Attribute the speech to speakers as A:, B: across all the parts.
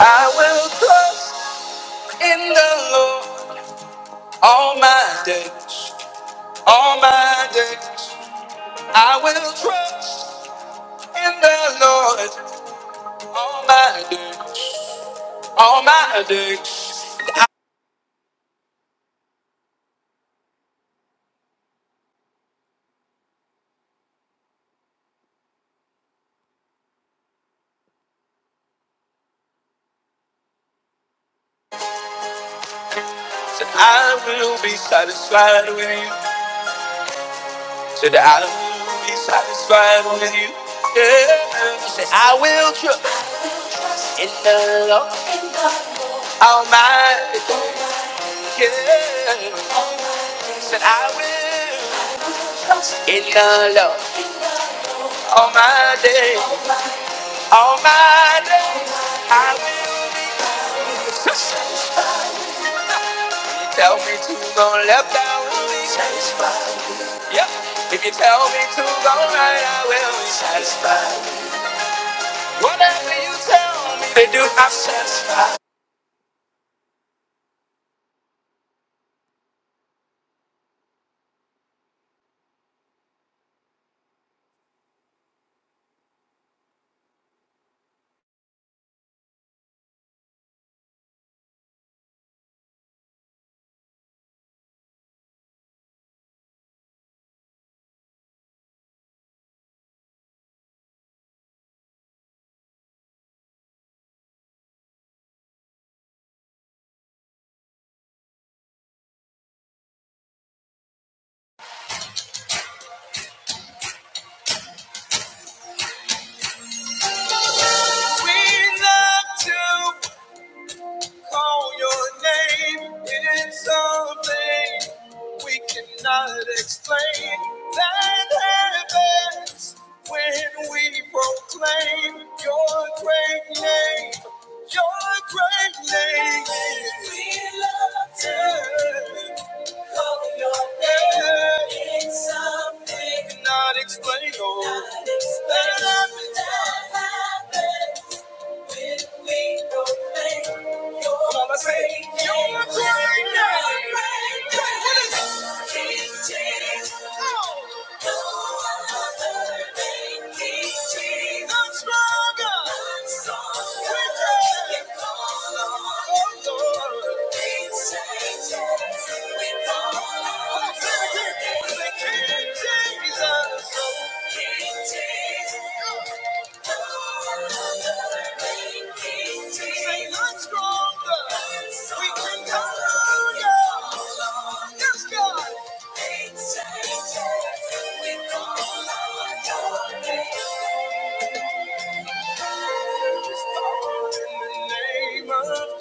A: I will trust in the Lord all my days, all my days. I will trust in the Lord all my days, all my days. Said I will be satisfied with you. Said I will be satisfied with you. Yeah. Said I will trust in the Lord all my days. Yeah. Said I will trust in the Lord all my days. All my days I will be conscious. If you tell me to go left, I will be satisfied. Yep. If you tell me to go right, I will be satisfied. Whatever you tell me to do, I'm satisfied. We love to call your name. It's something. We cannot explain that happens when we proclaim your great name, your great name. We love to love your name. It's something we cannot explain. Oh, that happens we proclaim your praise. Your praise. King No stronger. We can call on. Oh, Things change. We call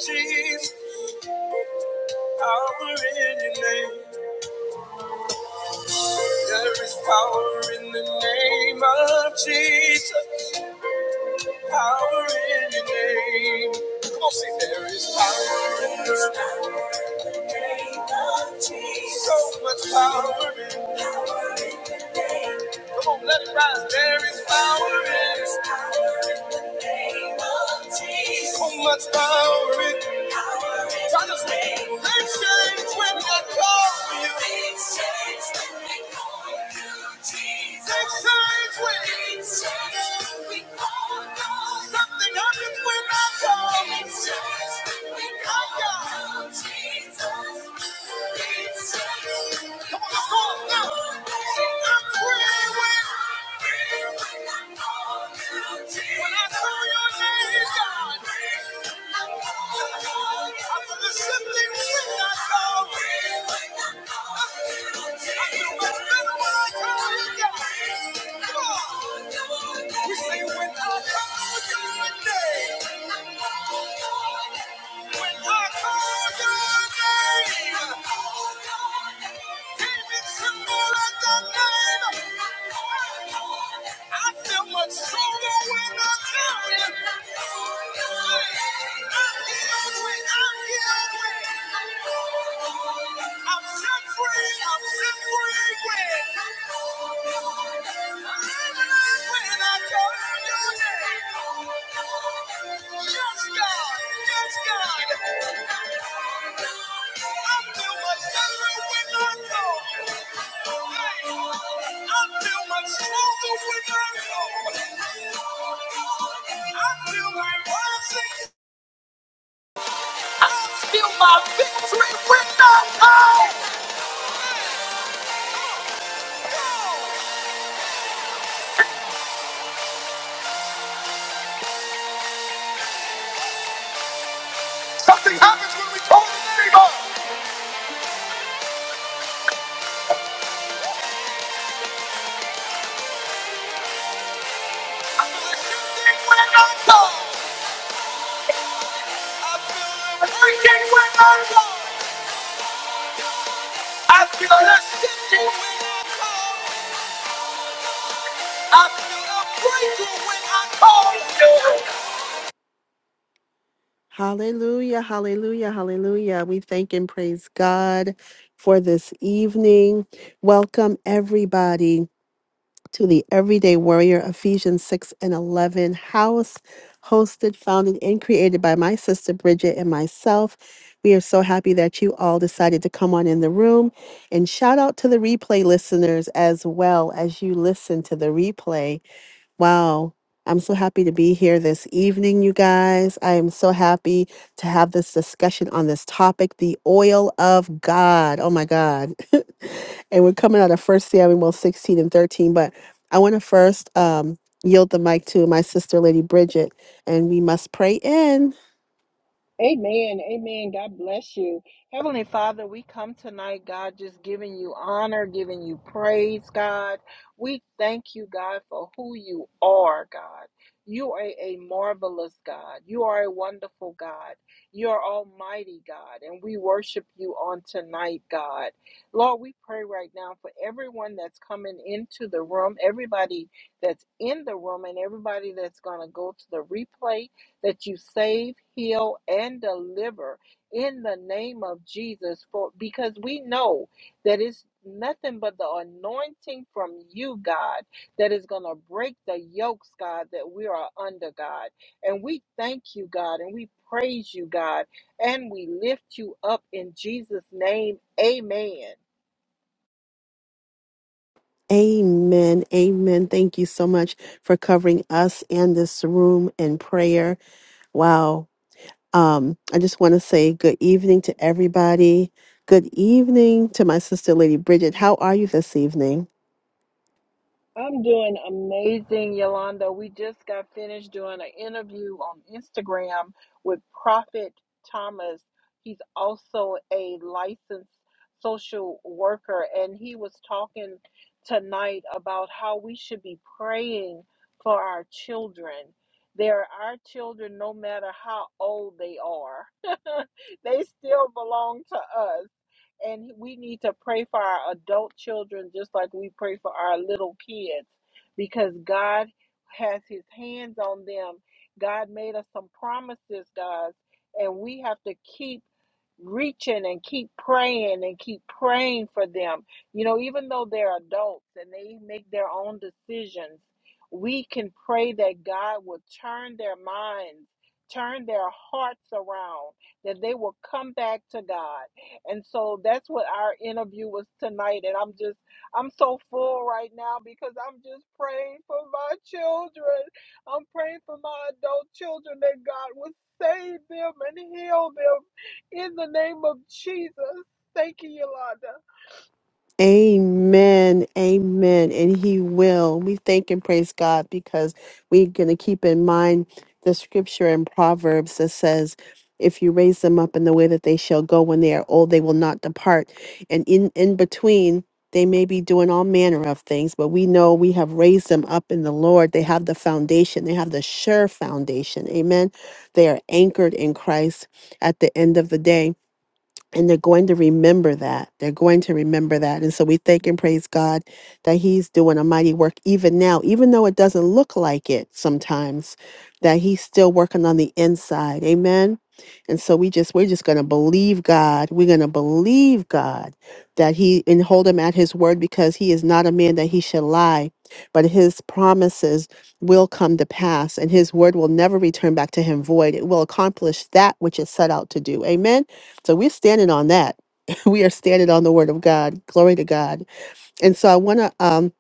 A: Jesus, power in your name. There is power in the name of Jesus. Power in your name. Come on, say there is power in the name of Jesus. So much power in Power in the name. Come on, let it rise. There is power in There is power in the name of Jesus. So much power in the name when I call. Come on, let's call your name, God. I feel much stronger when I tell you. Stronger when I know I feel like rising I feel a shifting when I call. I feel a breaking when I call you. Hallelujah, hallelujah, hallelujah. We thank and praise God for this evening. Welcome, everybody. to the Everyday Warrior Ephesians 6 and 11 house, hosted, founded, and created by my sister Bridget and myself. We are so happy that you all decided to come on in the room. And shout out to the replay listeners as well as you listen to the replay. Wow. I'm so happy to be here this evening, you guys. I am so happy to have this discussion on this topic, the oil of God. Oh my God. and we're coming out of First Samuel 16 and 13, but I want to first um, yield the mic to my sister, Lady Bridget, and we must pray in.
B: Amen. Amen. God bless you. Heavenly Father, we come tonight, God, just giving you honor, giving you praise, God. We thank you, God, for who you are, God. You are a marvelous God. You are a wonderful God. You are almighty, God, and we worship you on tonight, God. Lord, we pray right now for everyone that's coming into the room, everybody that's in the room, and everybody that's going to go to the replay that you save, heal, and deliver in the name of Jesus. For because we know that it's nothing but the anointing from you, God, that is going to break the yokes, God, that we are under, God. And we thank you, God, and we praise you, God, and we lift you up in Jesus' name. Amen.
A: Amen. Amen. Thank you so much for covering us and this room in prayer. Wow. Um, I just want to say good evening to everybody. Good evening to my sister, Lady Bridget. How are you this evening?
B: I'm doing amazing, Yolanda. We just got finished doing an interview on Instagram with Prophet Thomas. He's also a licensed social worker, and he was talking tonight about how we should be praying for our children. They're our children no matter how old they are, they still belong to us and we need to pray for our adult children just like we pray for our little kids because God has his hands on them. God made us some promises, guys, and we have to keep reaching and keep praying and keep praying for them. You know, even though they're adults and they make their own decisions, we can pray that God will turn their minds, turn their hearts around, that they will come back to God. And so that's what our interview was tonight. And I'm just, I'm so full right now because I'm just praying for my children. I'm praying for my adult children that God would save them and heal them in the name of Jesus. Thank you, Yolanda.
A: Amen. Amen. And he will. We thank and praise God because we're going to keep in mind the scripture in Proverbs that says, if you raise them up in the way that they shall go when they are old, they will not depart. And in, in between, they may be doing all manner of things, but we know we have raised them up in the Lord. They have the foundation, they have the sure foundation. Amen. They are anchored in Christ at the end of the day and they're going to remember that. They're going to remember that. And so we thank and praise God that He's doing a mighty work even now, even though it doesn't look like it sometimes, that He's still working on the inside. Amen. And so we just we're just gonna believe God. We're gonna believe God that He and hold Him at His word because He is not a man that He should lie, but His promises will come to pass, and His word will never return back to Him void. It will accomplish that which is set out to do. Amen. So we're standing on that. We are standing on the word of God. Glory to God. And so I want to um,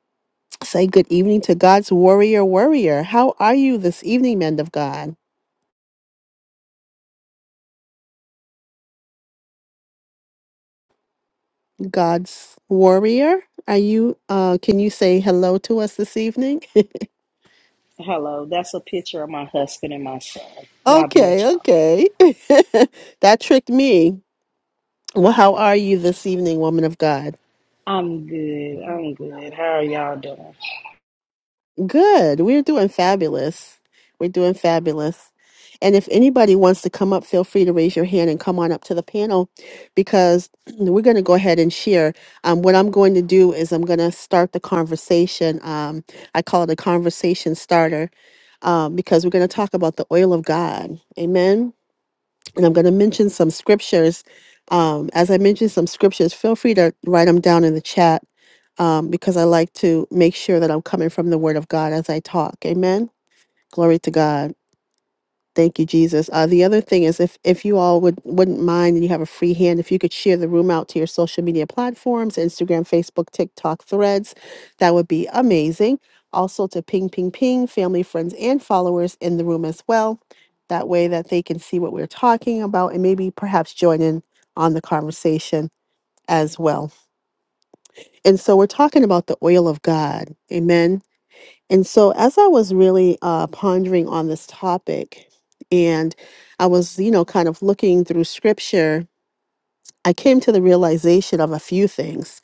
A: say good evening to God's warrior, warrior. How are you this evening, men of God? God's warrior. Are you? Uh, can you say hello to us this evening?
C: Hello, that's a picture of my husband and my son. God
A: okay,
C: bless y'all.
A: okay. that tricked me. Well, how are you this evening, woman of God?
C: I'm good. I'm good. How are y'all doing?
A: Good. We're doing fabulous. We're doing fabulous. And if anybody wants to come up, feel free to raise your hand and come on up to the panel because we're going to go ahead and share. Um, what I'm going to do is I'm going to start the conversation. Um, I call it a conversation starter um, because we're going to talk about the oil of God. Amen and I'm going to mention some scriptures. Um, as I mentioned some scriptures, feel free to write them down in the chat um, because I like to make sure that I'm coming from the Word of God as I talk. Amen. Glory to God. Thank you, Jesus. Uh, the other thing is, if if you all would wouldn't mind, and you have a free hand, if you could share the room out to your social media platforms, Instagram, Facebook, TikTok, Threads, that would be amazing. Also, to ping, ping, ping, family, friends, and followers in the room as well. That way, that they can see what we're talking about, and maybe perhaps join in on the conversation as well. And so, we're talking about the oil of God. Amen and so, as I was really uh, pondering on this topic, and I was, you know, kind of looking through scripture, I came to the realization of a few things.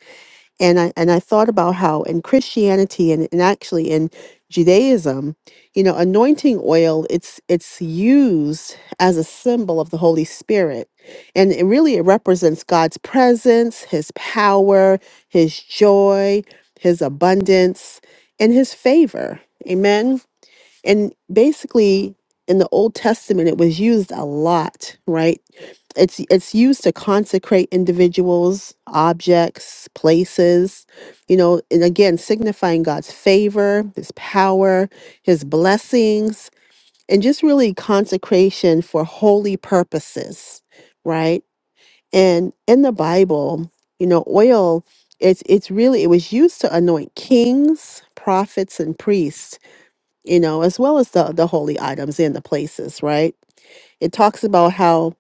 A: And I, and I thought about how in Christianity and, and actually in Judaism, you know, anointing oil, it's, it's used as a symbol of the Holy Spirit. And it really it represents God's presence, his power, his joy, his abundance, and his favor. Amen. And basically, in the Old Testament, it was used a lot, right? It's it's used to consecrate individuals, objects, places, you know, and again, signifying God's favor, His power, His blessings, and just really consecration for holy purposes, right? And in the Bible, you know, oil it's it's really it was used to anoint kings, prophets, and priests you know, as well as the, the holy items and the places, right? It talks about how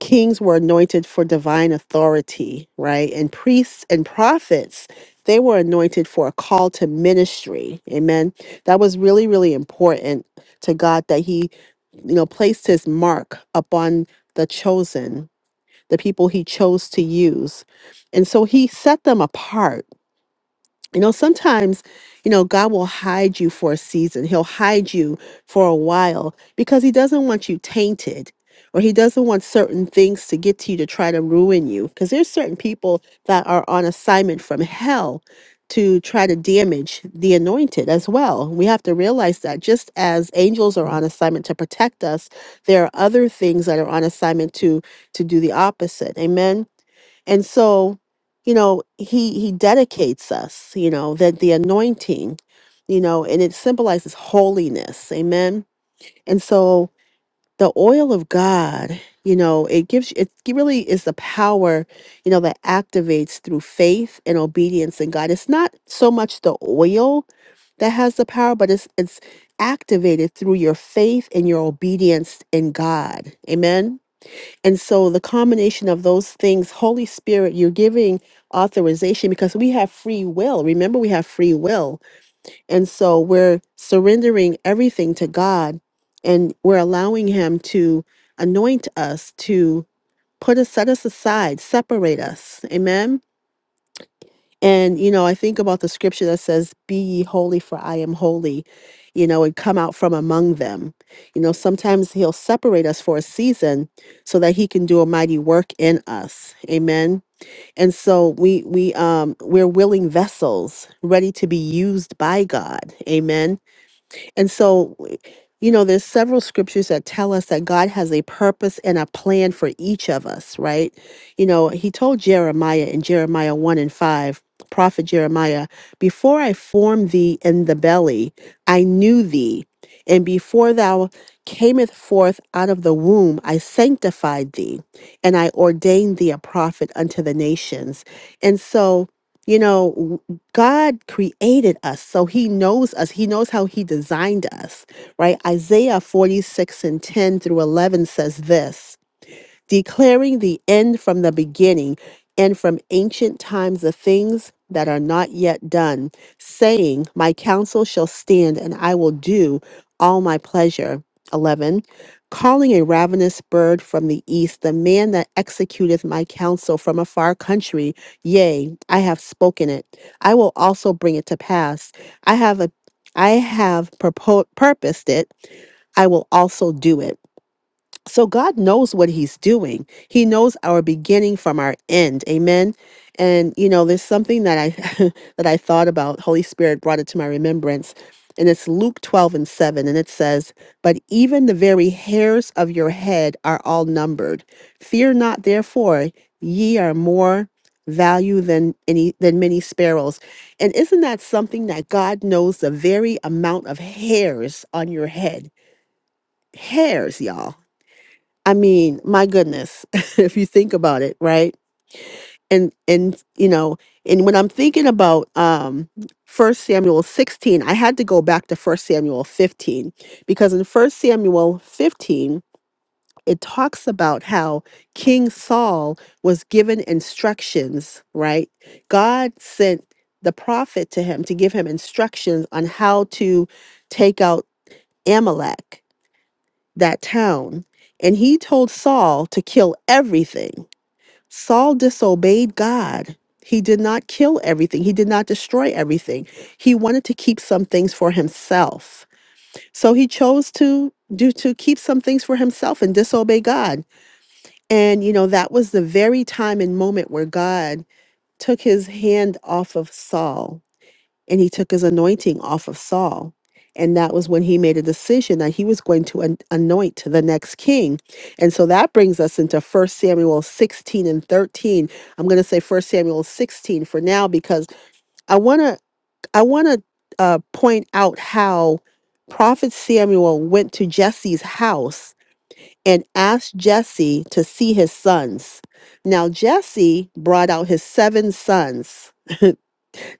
A: kings were anointed for divine authority, right? And priests and prophets, they were anointed for a call to ministry. Amen. That was really, really important to God that He, you know, placed His mark upon the chosen, the people He chose to use. And so He set them apart you know, sometimes, you know, God will hide you for a season. He'll hide you for a while because he doesn't want you tainted or he doesn't want certain things to get to you to try to ruin you because there's certain people that are on assignment from hell to try to damage the anointed as well. We have to realize that just as angels are on assignment to protect us, there are other things that are on assignment to to do the opposite. Amen. And so you know he he dedicates us you know that the anointing you know and it symbolizes holiness amen and so the oil of god you know it gives it really is the power you know that activates through faith and obedience in god it's not so much the oil that has the power but it's it's activated through your faith and your obedience in god amen and so the combination of those things, Holy Spirit, you're giving authorization because we have free will. Remember, we have free will. And so we're surrendering everything to God and we're allowing Him to anoint us, to put us, set us aside, separate us. Amen and, you know, I think about the scripture that says, Be ye holy, for I am holy, you know, and come out from among them. You know, sometimes he'll separate us for a season so that he can do a mighty work in us. Amen. And so we we um we're willing vessels ready to be used by God. Amen and so, eh, you know, there's several scriptures that tell us that God has a purpose and a plan for each of us, right? You know, he told Jeremiah in Jeremiah 1 and 5, prophet Jeremiah, before I formed thee in the belly, I knew thee. And before thou camest forth out of the womb, I sanctified thee, and I ordained thee a prophet unto the nations. And so, you know, God created us, so He knows us. He knows how He designed us, right? Isaiah 46 and 10 through 11 says this declaring the end from the beginning and from ancient times the things that are not yet done, saying, My counsel shall stand and I will do all my pleasure. 11. Calling a ravenous bird from the east, the man that executeth my counsel from a far country, yea, I have spoken it. I will also bring it to pass. I have a I have purpo- purposed it. I will also do it. So God knows what he's doing. He knows our beginning from our end. Amen. And you know, there's something that I that I thought about. Holy Spirit brought it to my remembrance. And it's Luke 12 and 7 and it says, "But even the very hairs of your head are all numbered. Fear not therefore, ye are more value than any than many sparrows." And isn't that something that God knows the very amount of hairs on your head? Hairs, y'all I mean, my goodness, if you think about it, right? And and you know, and when I'm thinking about um First Samuel 16, I had to go back to First Samuel 15 because in First Samuel 15 it talks about how King Saul was given instructions, right? God sent the prophet to him to give him instructions on how to take out Amalek that town, and he told Saul to kill everything. Saul disobeyed God. He did not kill everything, he did not destroy everything. He wanted to keep some things for himself. So he chose to do to keep some things for himself and disobey God. And you know, that was the very time and moment where God took his hand off of Saul and he took his anointing off of Saul. And that was when he made a decision that he was going to an- anoint the next king. And so that brings us into First Samuel 16 and 13. I'm going to say First Samuel 16 for now because I want to I want to uh, point out how prophet Samuel went to Jesse's house and asked Jesse to see his sons. Now Jesse brought out his seven sons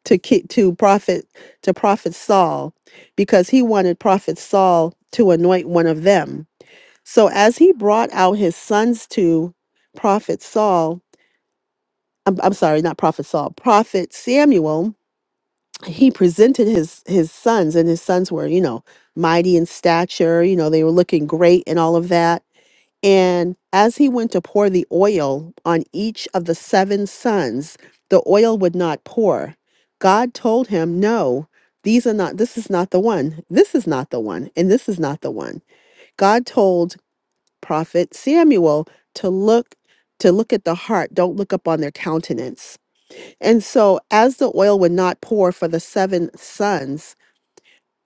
A: to ki- to prophet to prophet Saul because he wanted prophet Saul to anoint one of them. So as he brought out his sons to prophet Saul, I'm, I'm sorry, not prophet Saul, prophet Samuel, he presented his his sons and his sons were, you know, mighty in stature, you know, they were looking great and all of that and as he went to pour the oil on each of the seven sons, the oil would not pour. God told him, No, these are not, this is not the one, this is not the one, and this is not the one. God told prophet Samuel to look to look at the heart don't look upon their countenance and so as the oil would not pour for the seven sons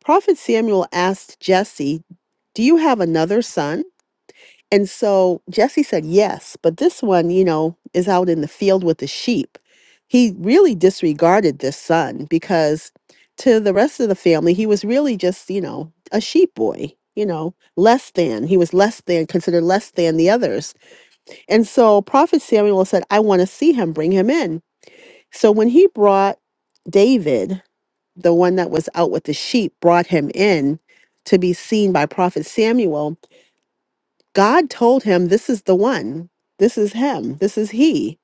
A: prophet samuel asked jesse do you have another son and so Jesse said yes, but this one, you know, is out in the field with the sheep. He really disregarded this son because to the rest of the family, he was really just, you know, a sheep boy, you know, less than. He was less than, considered less than the others. And so Prophet Samuel said, I want to see him, bring him in. So when he brought David, the one that was out with the sheep, brought him in to be seen by Prophet Samuel, God told him, This is the one. This is him. This is he.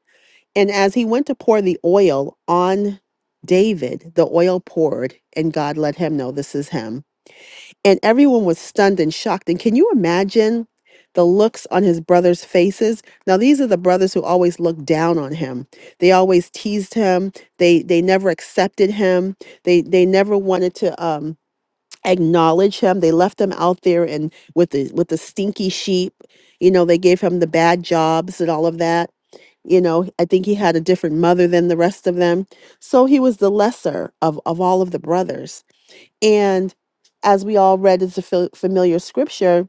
A: And as he went to pour the oil on David, the oil poured, and God let him know this is him. And everyone was stunned and shocked. And can you imagine the looks on his brothers' faces? Now, these are the brothers who always looked down on him. They always teased him. They they never accepted him. They they never wanted to um acknowledge him. They left him out there and with the with the stinky sheep. You know, they gave him the bad jobs and all of that. You know, I think he had a different mother than the rest of them. So he was the lesser of, of all of the brothers. And as we all read, it's a fil- familiar scripture,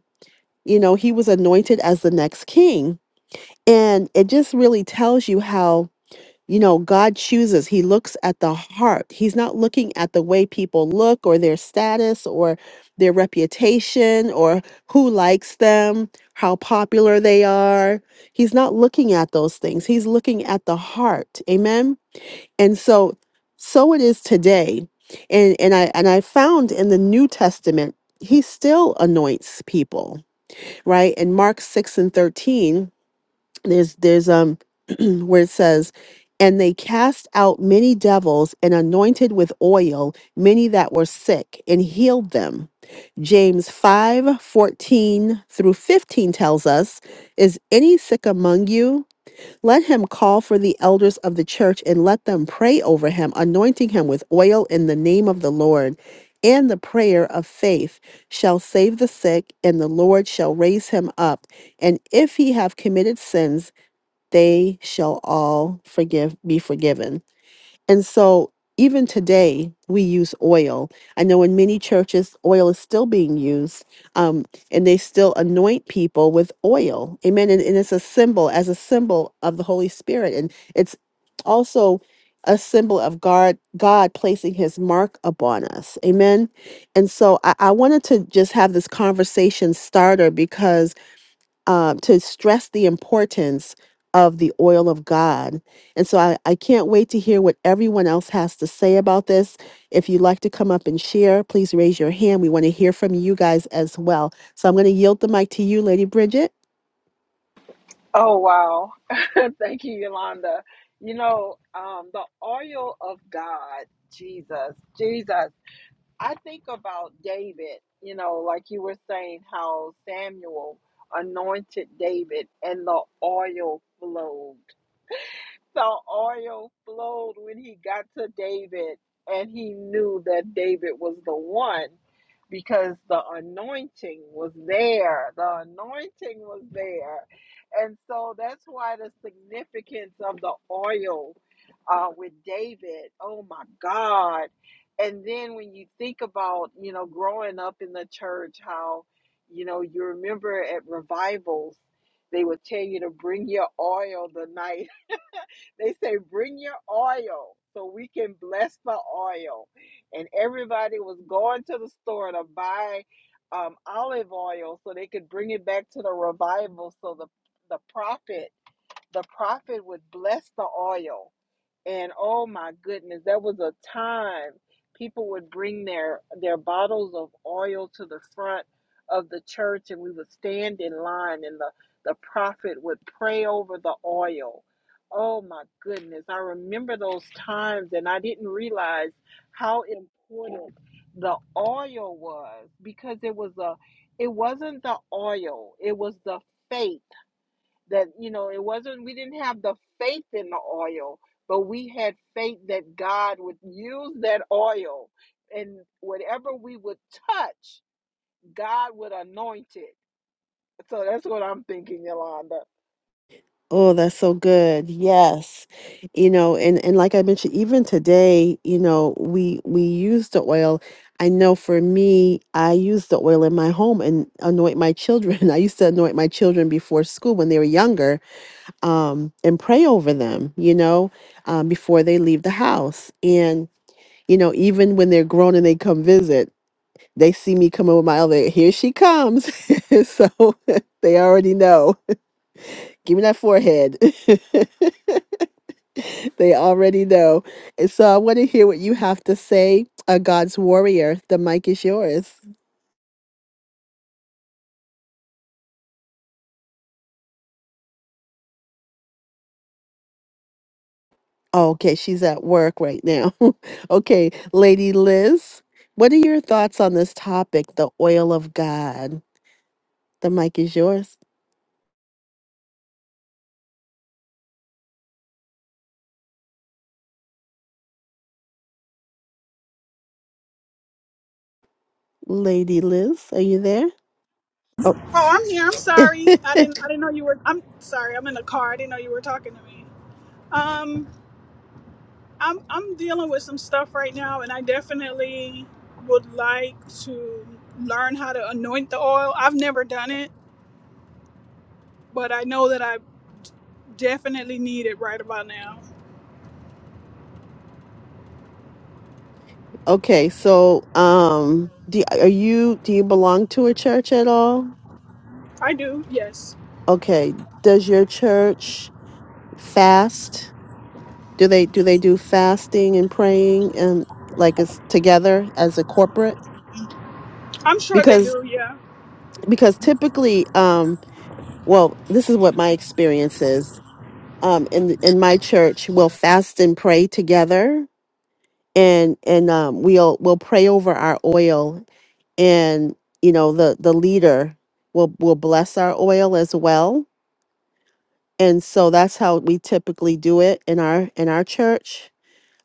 A: you know, he was anointed as the next king. And it just really tells you how you know, God chooses. He looks at the heart. He's not looking at the way people look or their status or their reputation or who likes them, how popular they are. He's not looking at those things. He's looking at the heart. Amen. And so so it is today. And and I and I found in the New Testament he still anoints people, right? In Mark 6 and 13, there's there's um where it says and they cast out many devils and anointed with oil many that were sick and healed them james 5 14 through 15 tells us is any sick among you let him call for the elders of the church and let them pray over him anointing him with oil in the name of the lord and the prayer of faith shall save the sick and the lord shall raise him up and if he have committed sins they shall all forgive be forgiven. And so even today we use oil. I know in many churches oil is still being used, um, and they still anoint people with oil. Amen. And, and it's a symbol as a symbol of the Holy Spirit. And it's also a symbol of God God placing his mark upon us. Amen. And so I, I wanted to just have this conversation starter because uh, to stress the importance of the oil of God. And so I, I can't wait to hear what everyone else has to say about this. If you'd like to come up and share, please raise your hand. We want to hear from you guys as well. So I'm going to yield the mic to you, Lady Bridget.
B: Oh, wow. Thank you, Yolanda. You know, um, the oil of God, Jesus, Jesus. I think about David, you know, like you were saying, how Samuel anointed David and the oil flowed. The oil flowed when he got to David, and he knew that David was the one because the anointing was there. The anointing was there. And so that's why the significance of the oil uh, with David, oh my God. And then when you think about, you know, growing up in the church, how, you know, you remember at revivals, they would tell you to bring your oil the night they say, bring your oil so we can bless the oil. And everybody was going to the store to buy um, olive oil so they could bring it back to the revival so the, the prophet the prophet would bless the oil and oh my goodness there was a time people would bring their their bottles of oil to the front of the church and we would stand in line and the the prophet would pray over the oil oh my goodness i remember those times and i didn't realize how important the oil was because it was a it wasn't the oil it was the faith that you know it wasn't we didn't have the faith in the oil but we had faith that god would use that oil and whatever we would touch god would anoint it so that's what i'm thinking yolanda
A: Oh, that's so good. Yes. You know, and, and like I mentioned, even today, you know, we we use the oil. I know for me, I use the oil in my home and anoint my children. I used to anoint my children before school when they were younger um, and pray over them, you know, um, before they leave the house. And, you know, even when they're grown and they come visit, they see me coming with my other, here she comes. so they already know. Give me that forehead. they already know. And so I want to hear what you have to say. Uh, God's warrior, the mic is yours. Oh, okay, she's at work right now. okay, Lady Liz, what are your thoughts on this topic, the oil of God? The mic is yours, Lady Liz. Are you there? Oh,
D: Oh, I'm here. I'm sorry. I didn't. I didn't know you were. I'm sorry. I'm in the car. I didn't know you were talking to me. Um, I'm I'm dealing with some stuff right now, and I definitely would like to learn how to anoint the oil. I've never done it, but I know that I definitely need it right about now.
A: okay. So, um, do are you do you belong to a church at all?
D: I do. Yes,
A: Okay. Does your church fast? Do they do they do fasting and praying and like it's together as a corporate?
D: I'm sure they
A: Because
D: do. Yeah.
A: because typically, um, well, this is what my experience is. Um, in in my church, we'll fast and pray together, and and um, we'll we'll pray over our oil and you know the the leader will will bless our oil as well and so that's how we typically do it in our in our church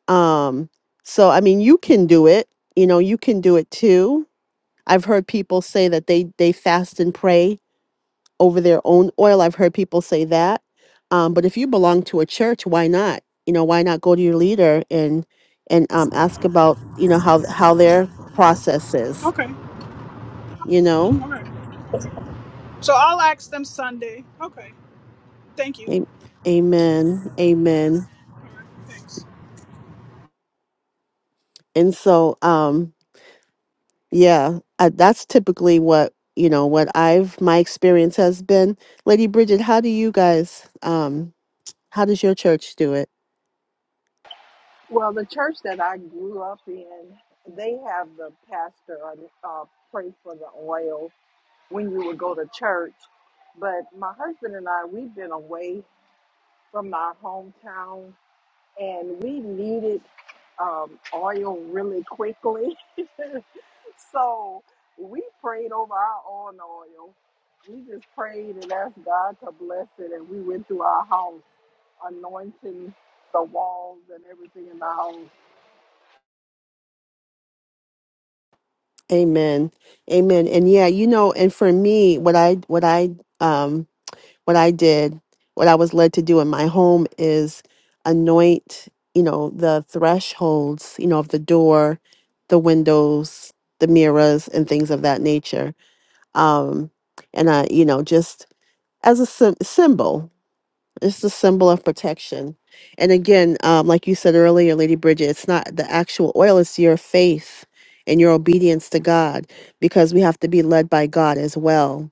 A: um so i mean you can do it you know you can do it too i've heard people say that they they fast and pray over their own oil i've heard people say that um but if you belong to a church why not you know why not go to your leader and and um ask about you know how how their process is
D: Okay.
A: you know
D: Okay. So I'll ask them Sunday. Okay. Thank you.
A: Am- Amen. Amen.
D: All right. Thanks.
A: And so, um, yeah, uh, that's typically what you know. What I've my experience has been, Lady Bridget. How do you guys? Um, how does your church do it?
B: Well, the church that I grew up in, they have the pastor uh, pray for the oil when you would go to church. But my husband and I, we've been away from our hometown and we needed um, oil really quickly. so we prayed over our own oil. We just prayed and asked God to bless it, and we went through our house anointing the walls and everything in the house.
A: Amen. Amen. And yeah, you know, and for me, what I what I um what I did, what I was led to do in my home is anoint, you know, the thresholds, you know, of the door, the windows, the mirrors, and things of that nature. Um, and I, you know, just as a sym symbol, it's a symbol of protection. And again, um, like you said earlier, Lady Bridget, it's not the actual oil, it's your faith and your obedience to God because we have to be led by God as well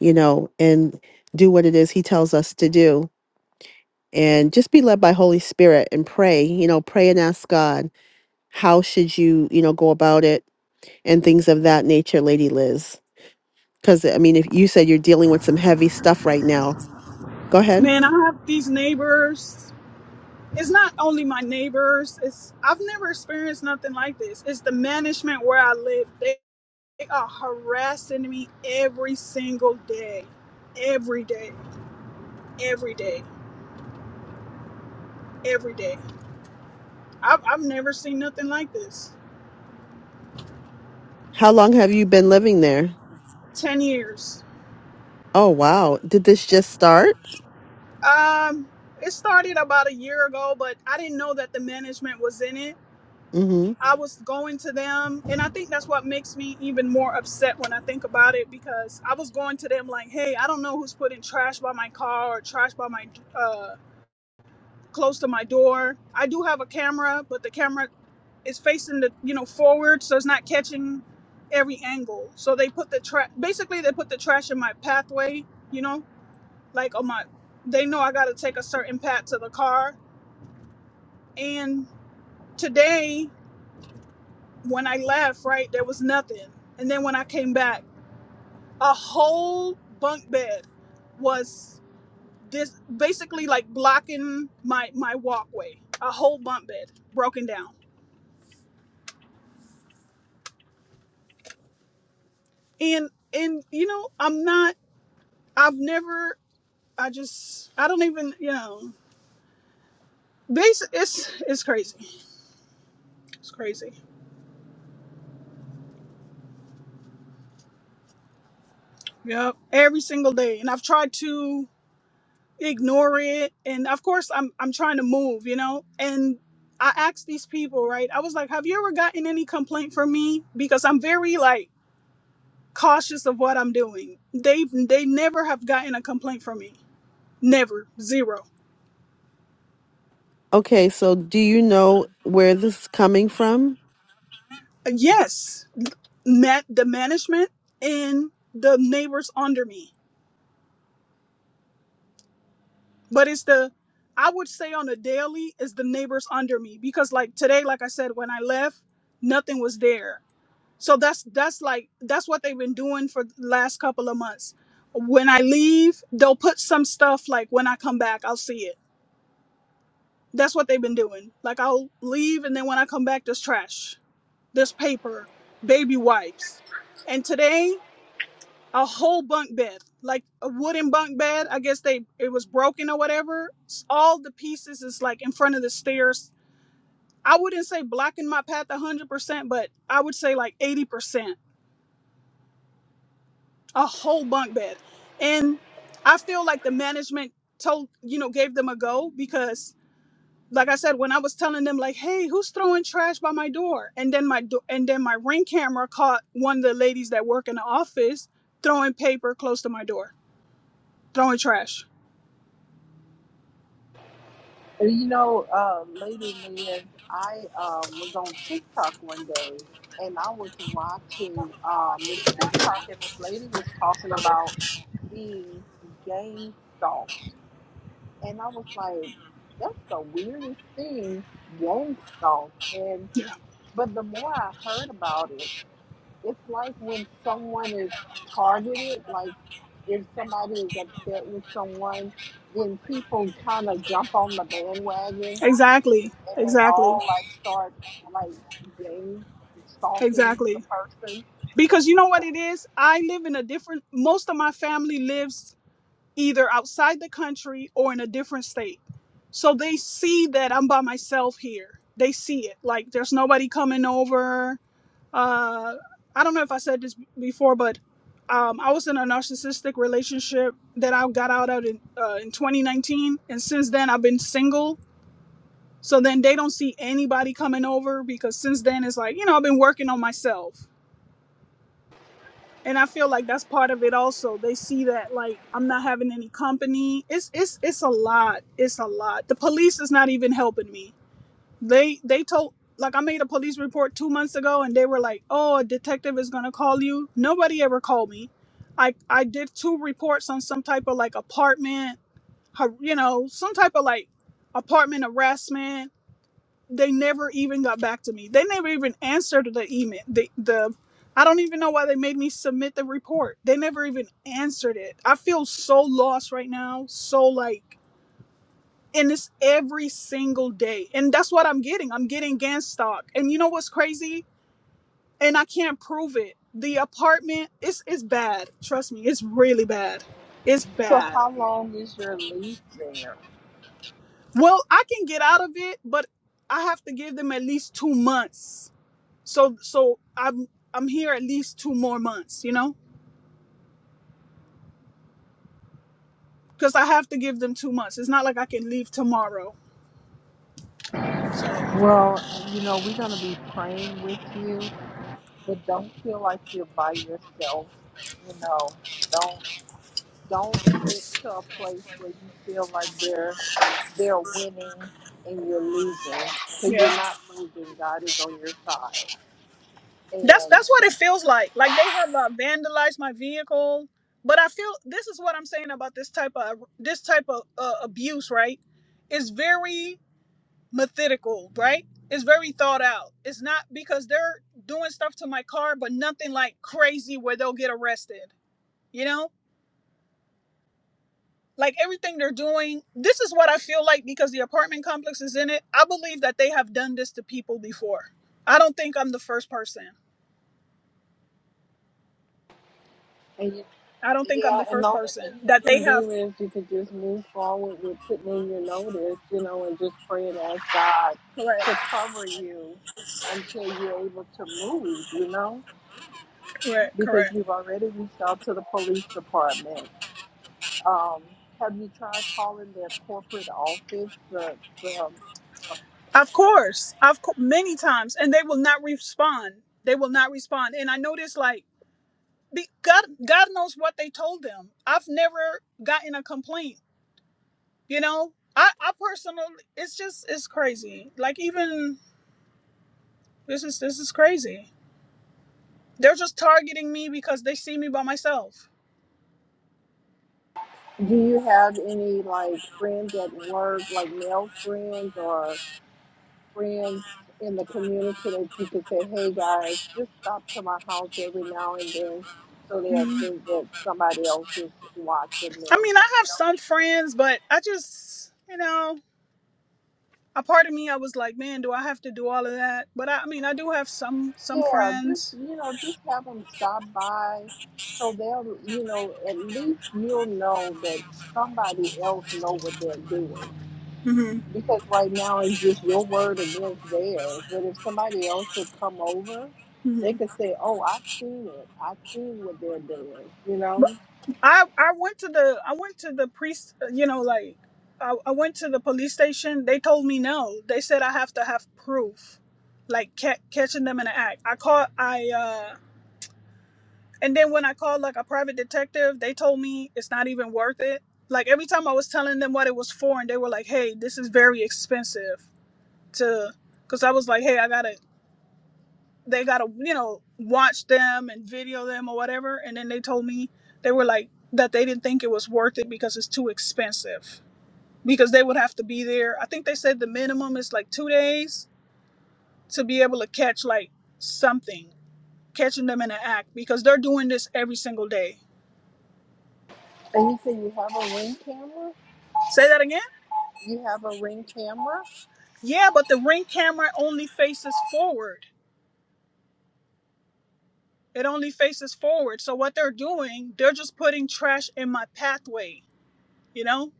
A: you know, and do what it is He tells us to do. And just be led by Holy Spirit and pray, you know, pray and ask God, how should you, you know, go about it and things of that nature, Lady Liz. Because, I mean, if you said you're dealing with some heavy stuff right now, go ahead.
D: Man, I have these neighbors. it's not only my neighbors. It's I've never experienced nothing like this. It's the management where I live. They, they are harassing me every single day, every day, every day, every day. I've, I've never seen nothing like this.
A: How long have you been living there?
D: Ten years.
A: Oh, wow. Did this just start?
D: Um, it started about a year ago, but I didn't know that the management was in it.
A: Mm hmm.
D: I was going to them, and I think that's what makes me even more upset when I think about it because I was going to them like, "Hey, I don't know who's putting trash by my car or trash by my uh, close to my door. I do have a camera, but the camera is facing the you know forward, so it's not catching every angle. So they put the trash. Basically, they put the trash in my pathway. You know, like on my. They know I got to take a certain path to the car, and today when I left, right, there was nothing. And then when I came back, a whole bunk bed was this basically like blocking my my walkway. A whole bunk bed broken down. And and you know, I'm not I've never I just I don't even, you know, base it's it's crazy. It's crazy. Yep. Every single day. And I've tried to ignore it and of course i'm i'm trying to move you know and i asked these people right i was like have you ever gotten any complaint from me because i'm very like cautious of what i'm doing they they never have gotten a complaint from me never zero
A: Okay, so do you know where this is coming from?
D: yes met the management and the neighbors under me but it's the i would say on a daily is the neighbors under me because like today like i said when i left nothing was there So that's that's like that's what they've been doing for the last couple of months. When I leave, they'll put some stuff like when I come back, I'll see it. That's what they've been doing. Like I'll leave and then when I come back there's trash, there's paper, baby wipes. And today, a whole bunk bed, like a wooden bunk bed, I guess they it was broken or whatever. S- All the pieces is like in front of the stairs. I wouldn't say blocking my path 100%, but I would say like 80%. a whole bunk bed. And I feel like the management told, you know, gave them a go because like I said, when I was telling them like, hey, who's throwing trash by my door? And then my do- and then my ring camera caught one of the ladies that work in the office throwing paper close to my door, throwing trash.
B: And you know, uh, Lady Liz, I um, was on TikTok one day, and I was watching um, this TikTok, and this lady was talking about being gang stalked and I was like, that's the weirdest thing, gang Yangtze. And
D: Yeah.
B: but the more I heard about it, it's like when someone is targeted, like if somebody is upset with someone, then people kind of jump on the bandwagon
D: Exactly.
B: and they
D: Exactly.
B: all like start like gang stalking the
D: Exactly.
B: person.
D: Because you know what it is? I live in a different most of my family lives either outside the country or in a different state. So they see that I'm by myself here. They see it. Like there's nobody coming over. Uh, I don't know if I said this b- before, but um, I was in a narcissistic relationship that I got out of in, uh, in 2019. And since then, I've been single. So then they don't see anybody coming over because since then, it's like, you know, I've been working on myself and I feel like that's part of it also. They see that like I'm not having any company. It's it's it's a lot. It's a lot. The police is not even helping me. They they told like I made a police report 2 months ago and they were like, "Oh, a detective is going to call you." Nobody ever called me. I I did two reports on some type of like apartment, har- you know, some type of like apartment harassment they never even got back to me. They never even answered the email. The the I don't even know why they made me submit the report. They never even answered it. I feel so lost right now. So like and it's every single day. And that's what I'm getting. I'm getting GAN stock. And you know what's crazy? And I can't prove it. The apartment is it's bad. Trust me, it's really bad. It's
B: So
D: bad.
B: how long is your lease there?
D: Well, I can get out of it, but I have to give them at least two months so so i'm i'm here at least two more months you know because i have to give them two months it's not like i can leave tomorrow so
B: Well, you know, we're gonna be praying with you but don't feel like you're by yourself. You know, don't don't get to a place where you feel like they're they're winning and you're losing. because
D: yeah
B: you're not losing. God is on your side.
D: that's
B: And
D: that's what it feels like like they have uh, vandalized my vehicle but i feel this is what i'm saying about this type of this type of uh, abuse right it's very methodical right it's very thought out it's not because they're doing stuff to my car but nothing like crazy where they'll get arrested you know like everything they're doing this is what i feel like because the apartment complex is in it i believe that they have done this to people before i don't think i'm the first person
B: and you,
D: i don't think i'm
B: yeah,
D: the
B: and the
D: first
B: only thing
D: person
B: you
D: that they
B: can
D: have
B: do is you can just move forward with putting in your notice, you know, and just pray and ask God
D: correct
B: to cover you until you're able to move, you know?
D: correct
B: Because
D: correct
B: you've already reached out to the police department Um, have you tried calling their corporate office? The, the, um,
D: of course i've co- many times and they will not respond they will not respond and i noticed like be, god god knows what they told them i've never gotten a complaint you know i i personally it's just it's crazy like even this is this is crazy They're just targeting me because they see me by myself.
B: do you have any like friends at work, like male friends or friends in the community that you could say, hey guys, just stop to my house every now and then so they'll
D: Mhm.
B: think that somebody else is watching
D: I
B: them?
D: mean, I have some friends, but I just, you know, a part of me I was like, man, do I have to do all of that? But I, I mean, I do have some some
B: Yeah, just,
D: friends.
B: you know, just have them stop by so they'll, you know, at least you'll know that somebody else know what they're doing
D: Mm-hmm.
B: because right now it's just your word against theirs. But if somebody else would come over, they
D: Mm-hmm.
B: could say, "Oh, I've seen it. I've seen what they're doing." You
D: But
B: know.
D: I I went to the I went to the priest, you know, like I, I went to the police station. They told me no. They said I have to have proof, like ca- catching them in the act. I caught I uh And then when I called like a private detective, they told me it's not even worth it. Like every time I was telling them what it was for, and they were like, "Hey, this is very expensive to," because I was like, "Hey, I gotta, they gotta, you know, watch them and video them or whatever." And then they told me they were like that they didn't think it was worth it because it's too expensive because they would have to be there. I think they said the minimum is like two days to be able to catch like something, catching them in an act because they're doing this every single day.
B: And you say you have a ring camera.
D: Say that again.
B: You have a ring camera.
D: Yeah, but the ring camera only faces forward. It only faces forward. So what they're doing, they're just putting trash in my pathway. You know?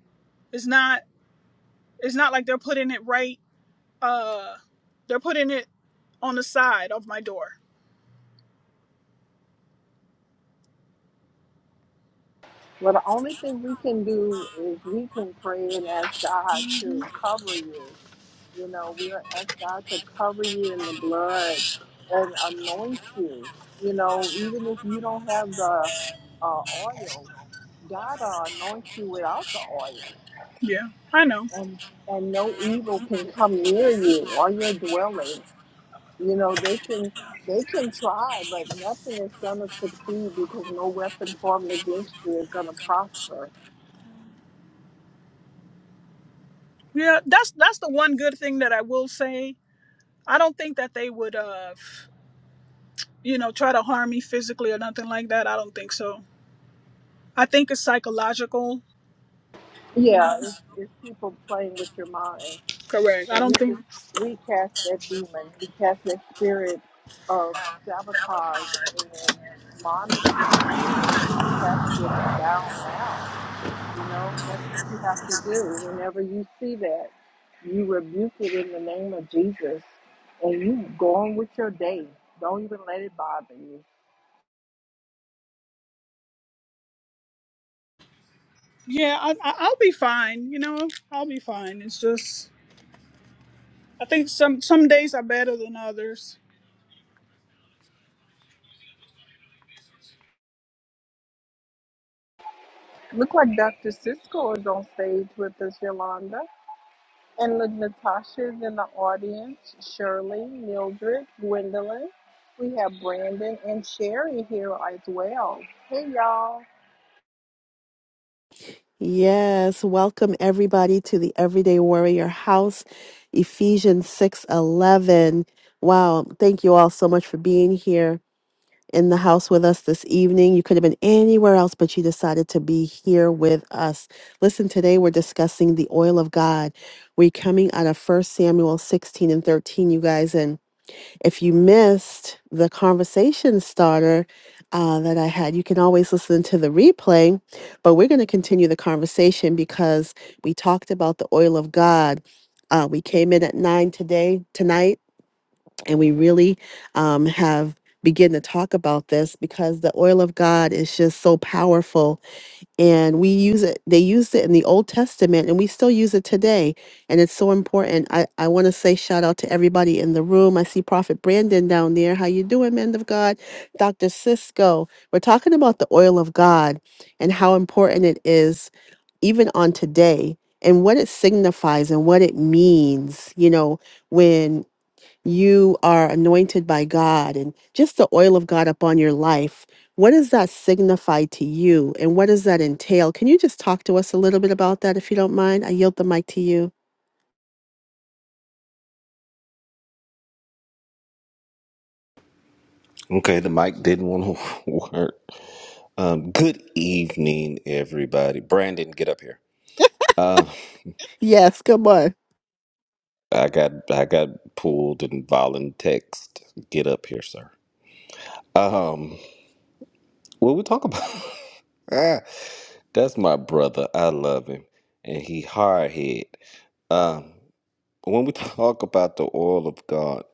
D: It's not it's not like they're putting it right uh they're putting it on the side of my door.
B: Well, the only thing we can do is we can pray and ask God to
D: hmm
B: cover you. You know, we are ask God to cover you in the blood and anoint you. You know, even if you don't have the uh, oil, God will anoint you without the oil,
D: Yeah, I know.
B: and and no evil can come near you or your dwelling. You know they can they can try, but nothing is gonna succeed because no weapon formed against you is gonna prosper.
D: Yeah, that's that's the one good thing that I will say. I don't think that they would uh you know, try to harm me physically or nothing like that. I don't think so. I think it's psychological, you
B: Yeah,
D: know.
B: it's it's people playing with your mind,
D: Correct. I
B: and
D: don't
B: we
D: think.
B: just we cast that demon, we cast that spirit of sabotage and monitoring spirits. We cast it down now You know, that's what you have to do. Whenever you see that, you rebuke it in the name of Jesus and you go on with your day. Don't even let it bother you.
D: Yeah, I, I, I'll be fine. You know, I'll be fine. It's just I think some some days are better than others.
B: Look like Dr. Cisco is on stage with us, Yolanda. And look, Natasha is in the audience, Shirley, Mildred, Gwendolyn. We have Brandon and Sherry here as well. Hey, y'all.
A: Yes, welcome everybody to the Everyday Warrior House, Ephesians 6:11. Wow, thank you all so much for being here in the house with us this evening. You could have been anywhere else, but you decided to be here with us. Listen, today we're discussing the oil of God. We're coming out of First Samuel 16 and 13, you guys, and if you missed the conversation starter uh, that I had, you can always listen to the replay. But we're going to continue the conversation because we talked about the oil of God. Uh, we came in at nine today, tonight, and we really um, have begin to talk about this because the oil of God is just so powerful and we use it they used it in the old testament and we still use it today and it's so important i, I want to say shout out to everybody in the room i see prophet brandon down there how you doing man of god dr cisco we're talking about the oil of god and how important it is even on today and what it signifies and what it means you know you are anointed by God and just the oil of God upon your life. What does that signify to you and what does that entail? Can you just talk to us a little bit about that if you don't mind? I yield the mic to you.
E: Okay, the mic didn't want to work. Um, good evening, everybody. Brandon, get up here. Uh,
A: Yes, come on.
E: I got I got pulled in violent text. Get up here, sir. Um, what we talk about? Ah, That's my brother. I love him, and he hard head. Um, when we talk about the oil of God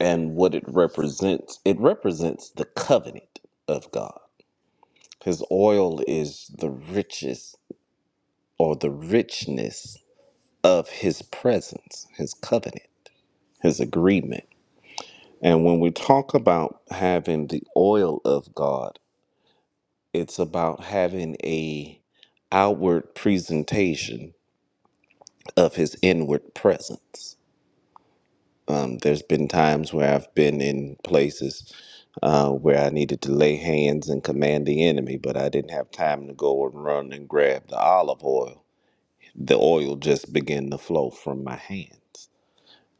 E: and what it represents, it represents the covenant of God. His oil is the richest or the richness of his presence, his covenant, his agreement. And when we talk about having the oil of God, it's about having a outward presentation of his inward presence. Um, there's been times where I've been in places uh, where I needed to lay hands and command the enemy, but I didn't have time to go and run and grab the olive oil. The oil just began to flow from my hands.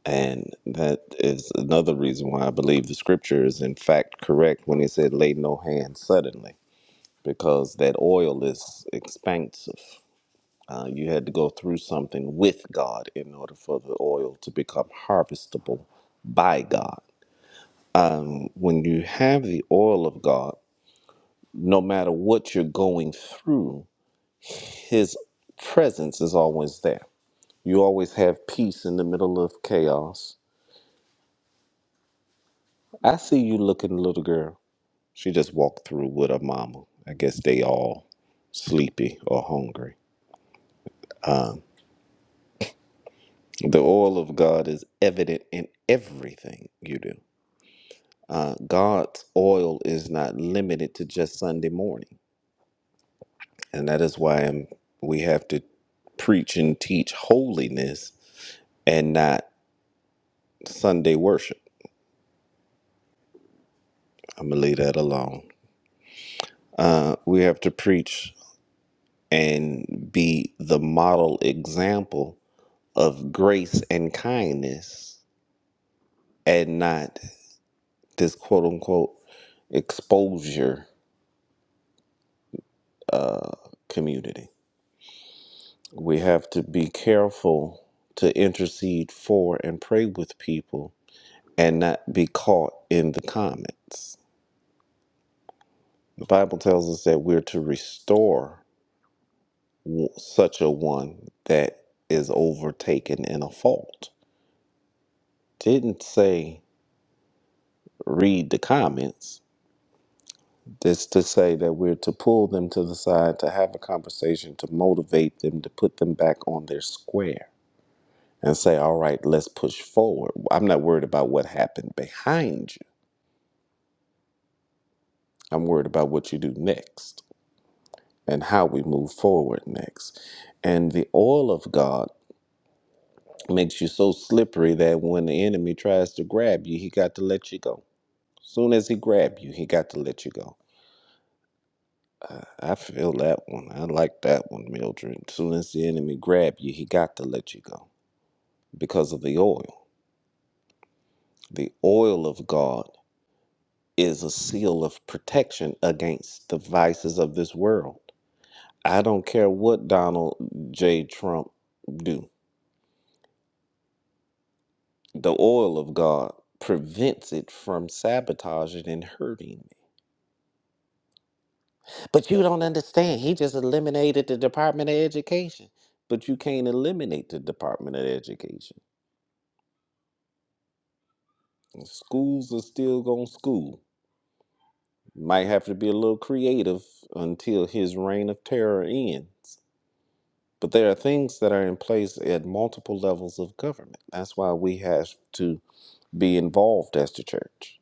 E: And that is another reason why I believe the scripture is in fact correct when he said, lay no hand suddenly, because that oil is expansive. Uh, you had to go through something with God in order for the oil to become harvestable by God. When you have the oil of God, no matter what you're going through, his presence is always there. You always have peace in the middle of chaos. I see you looking, little girl. She just walked through with her mama. I guess they all sleepy or hungry. The oil of God is evident in everything you do. Uh, God's oil is not limited to just Sunday morning, and that is why I'm, we have to preach and teach holiness and not Sunday worship. I'm gonna leave that alone. Uh, we have to preach and be the model example of grace and kindness and not this quote unquote exposure uh, community. We have to be careful to intercede for and pray with people and not be caught in the comments. The Bible tells us that we're to restore w- such a one that is overtaken in a fault. Didn't say read the comments. That's to say that we're to pull them to the side, to have a conversation, to motivate them, to put them back on their square and say, all right, let's push forward. I'm not worried about what happened behind you. I'm worried about what you do next and how we move forward next. And the oil of God makes you so slippery that when the enemy tries to grab you, he got to let you go. Soon as he grabbed you, he got to let you go. Uh, I feel that one. I like that one, Mildred. Soon as the enemy grabbed you, he got to let you go because of the oil. The oil of God is a seal of protection against the vices of this world. I don't care what Donald J. Trump do. The oil of God prevents it from sabotaging and hurting me. But you don't understand. He just eliminated the Department of Education. But you can't eliminate the Department of Education. Schools are still going to school. Might have to be a little creative until his reign of terror ends. But there are things that are in place at multiple levels of government. That's why we have to be involved as the church.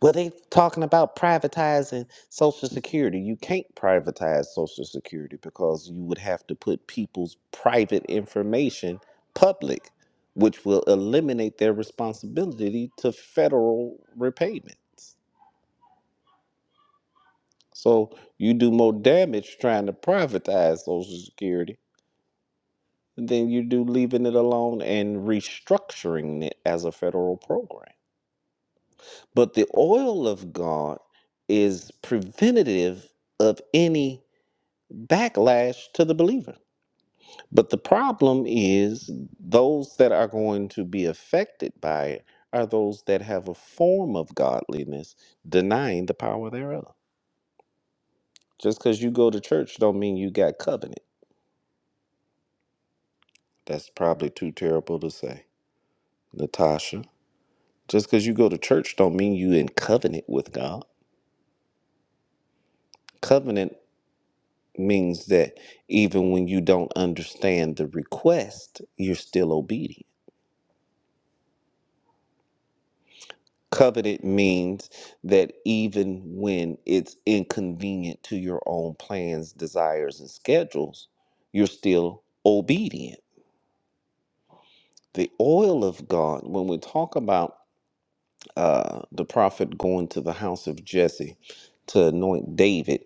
E: Well, they talking about privatizing Social Security. You can't privatize Social Security because you would have to put people's private information public, which will eliminate their responsibility to federal repayments. So you do more damage trying to privatize Social Security than you do leaving it alone and restructuring it as a federal program. But the oil of God is preventative of any backlash to the believer. But the problem is those that are going to be affected by it are those that have a form of godliness denying the power thereof. Just because you go to church don't mean you got covenant. That's probably too terrible to say. Natasha. Just because you go to church don't mean you in covenant with God. Covenant means that even when you don't understand the request, you're still obedient. Covenant means that even when it's inconvenient to your own plans, desires, and schedules, you're still obedient. The oil of God, when we talk about uh, the prophet going to the house of Jesse to anoint David,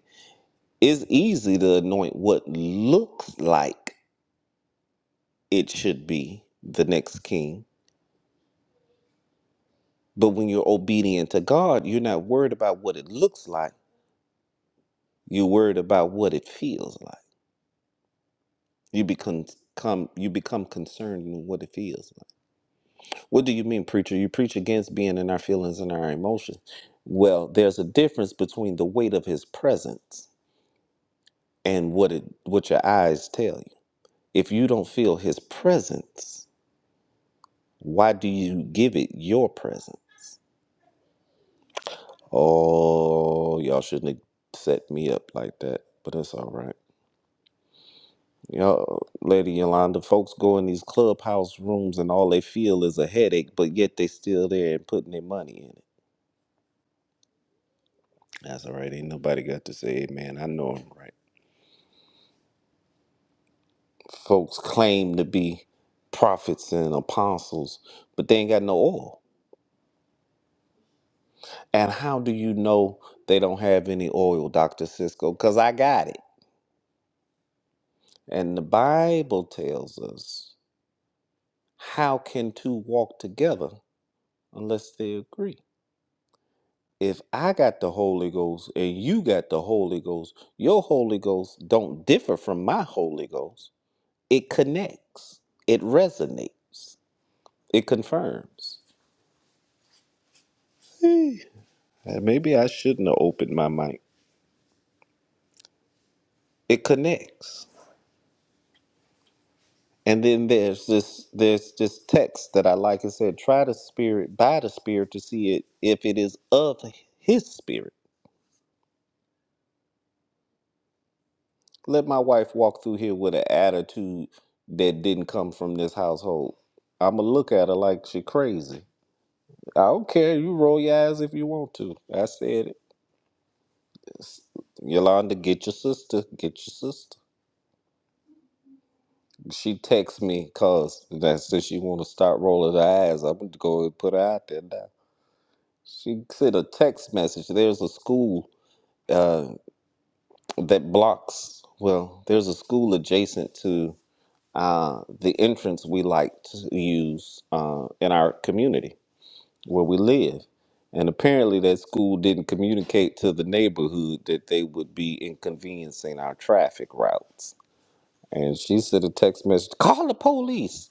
E: It's easy to anoint what looks like it should be the next king. But when you're obedient to God, you're not worried about what it looks like. You're worried about what it feels like. You become come you become concerned in what it feels like. What do you mean, preacher? You preach against being in our feelings and our emotions. Well, there's a difference between the weight of his presence and what it what your eyes tell you. If you don't feel his presence, Why do you give it your presence? Oh, y'all shouldn't have set me up like that, but it's all right. Y'all, Lady Yolanda, folks go in these clubhouse rooms and all they feel is a headache, but yet they still there and putting their money in it. That's all right. Ain't nobody got to say amen. I know I'm right. Folks claim to be prophets and apostles, but they ain't got no oil. And how do you know they don't have any oil, Dr. Cisco? Because I got it. And the Bible tells us how can two walk together unless they agree? If I got the Holy Ghost and you got the Holy Ghost, your Holy Ghost don't differ from my Holy Ghost. It connects. It resonates. It confirms. Eh, Maybe I shouldn't have opened my mic. It connects. And then there's this there's this text that I like. It said, "Try the Spirit by the Spirit to see it if it is of His Spirit." Let my wife walk through here with an attitude that didn't come from this household. I'ma look at her like she crazy. I don't care. You roll your eyes if you want to. I said it. Yolanda, get your sister. Get your sister. She texts me cause that since she wanna start rolling her eyes, I'm gonna go and put her out there now. She sent a text message. There's a school uh, that blocks well, there's a school adjacent to uh, the entrance we like to use uh, in our community where we live. And apparently, that school didn't communicate to the neighborhood that they would be inconveniencing our traffic routes. And she sent a text message, call the police.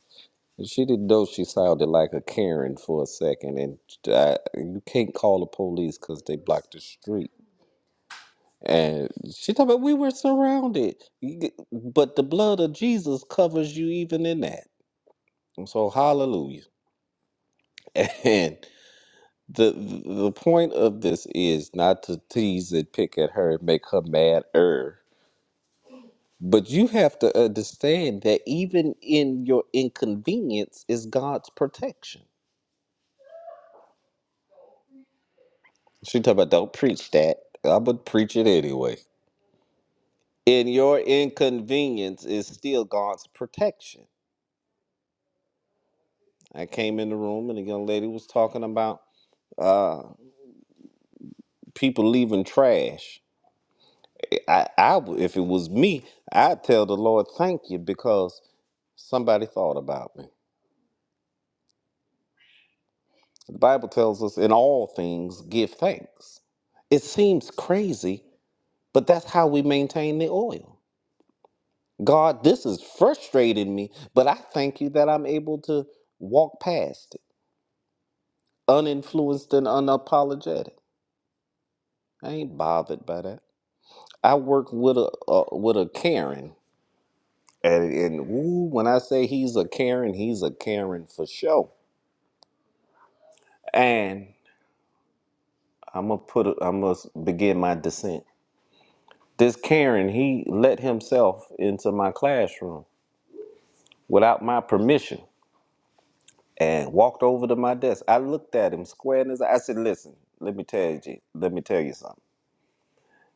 E: And she didn't know she sounded like a Karen for a second. And uh, you can't call the police because they blocked the street. And she talking about we were surrounded. You get- But the blood of Jesus covers you even in that. So hallelujah. And the the point of this is not to tease and pick at her and make her mad er. But you have to understand that even in your inconvenience is God's protection. She talk about don't preach that. I'm gonna preach it anyway. In your inconvenience is still God's protection. I came in the room and the young lady was talking about uh people leaving trash I, I would, if it was me, I'd tell the Lord, thank you, because somebody thought about me. The Bible tells us in all things, give thanks. It seems crazy, but that's how we maintain the oil. God, this is frustrating me, but I thank you that I'm able to walk past it, uninfluenced and unapologetic. I ain't bothered by that. I work with a uh, with a Karen, and, and ooh, when I say he's a Karen, he's a Karen for sure And I'm gonna put. A, I'm gonna begin my descent. This Karen, he let himself into my classroom without my permission and walked over to my desk. I looked at him square in his eye. I said, "Listen, let me tell you. Let me tell you something.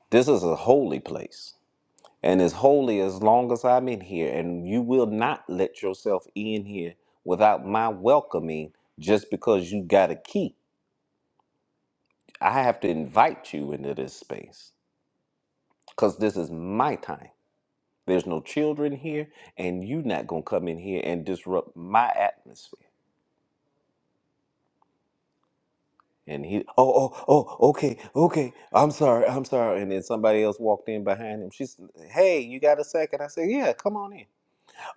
E: This is a holy place." And it's holy as long as I'm in here, and you will not let yourself in here without my welcoming just because you got a key. I have to invite you into this space because this is my time. There's no children here, and you not gonna come in here and disrupt my atmosphere. And he, oh, oh, oh, okay, okay, I'm sorry, I'm sorry. And then somebody else walked in behind him. She's, hey, you got a second? I said, yeah, come on in.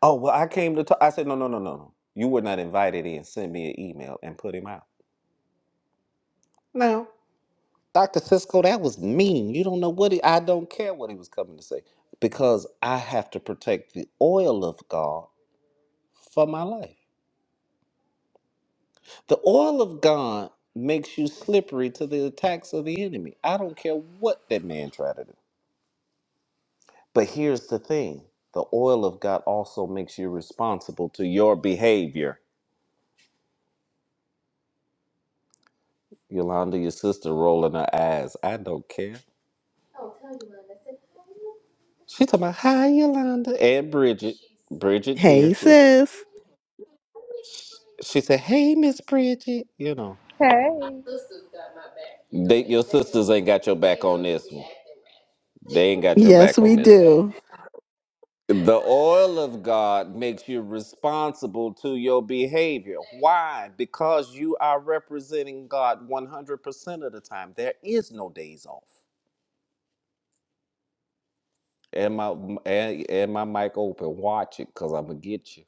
E: Oh, well, I came to talk. I said, no, no, no, no, no. You were not invited in. Send me an email and put him out. No, Dr. Cisco, that was mean. You don't know what he, I don't care what he was coming to say because I have to protect the oil of God for my life. The oil of God makes you slippery to the attacks of the enemy. I don't care what that man tried to do. But here's the thing the oil of God also makes you responsible to your behavior. Yolanda, your sister rolling her eyes. I don't care. She talking about, hi, Yolanda. And Bridget. Bridget here,
A: Hey,
E: too.
A: sis.
E: She said, hey, Miss Bridget. You know.
B: Hey.
E: They, your sisters ain't got your back on this one. They ain't got your
A: Yes,
E: back on
A: we
E: this one.
A: do.
E: The oil of God makes you responsible to your behavior. Why? Because you are representing God 100% of the time. There is no days off. And my and, and my mic open. Watch it, cause I'm gonna get you.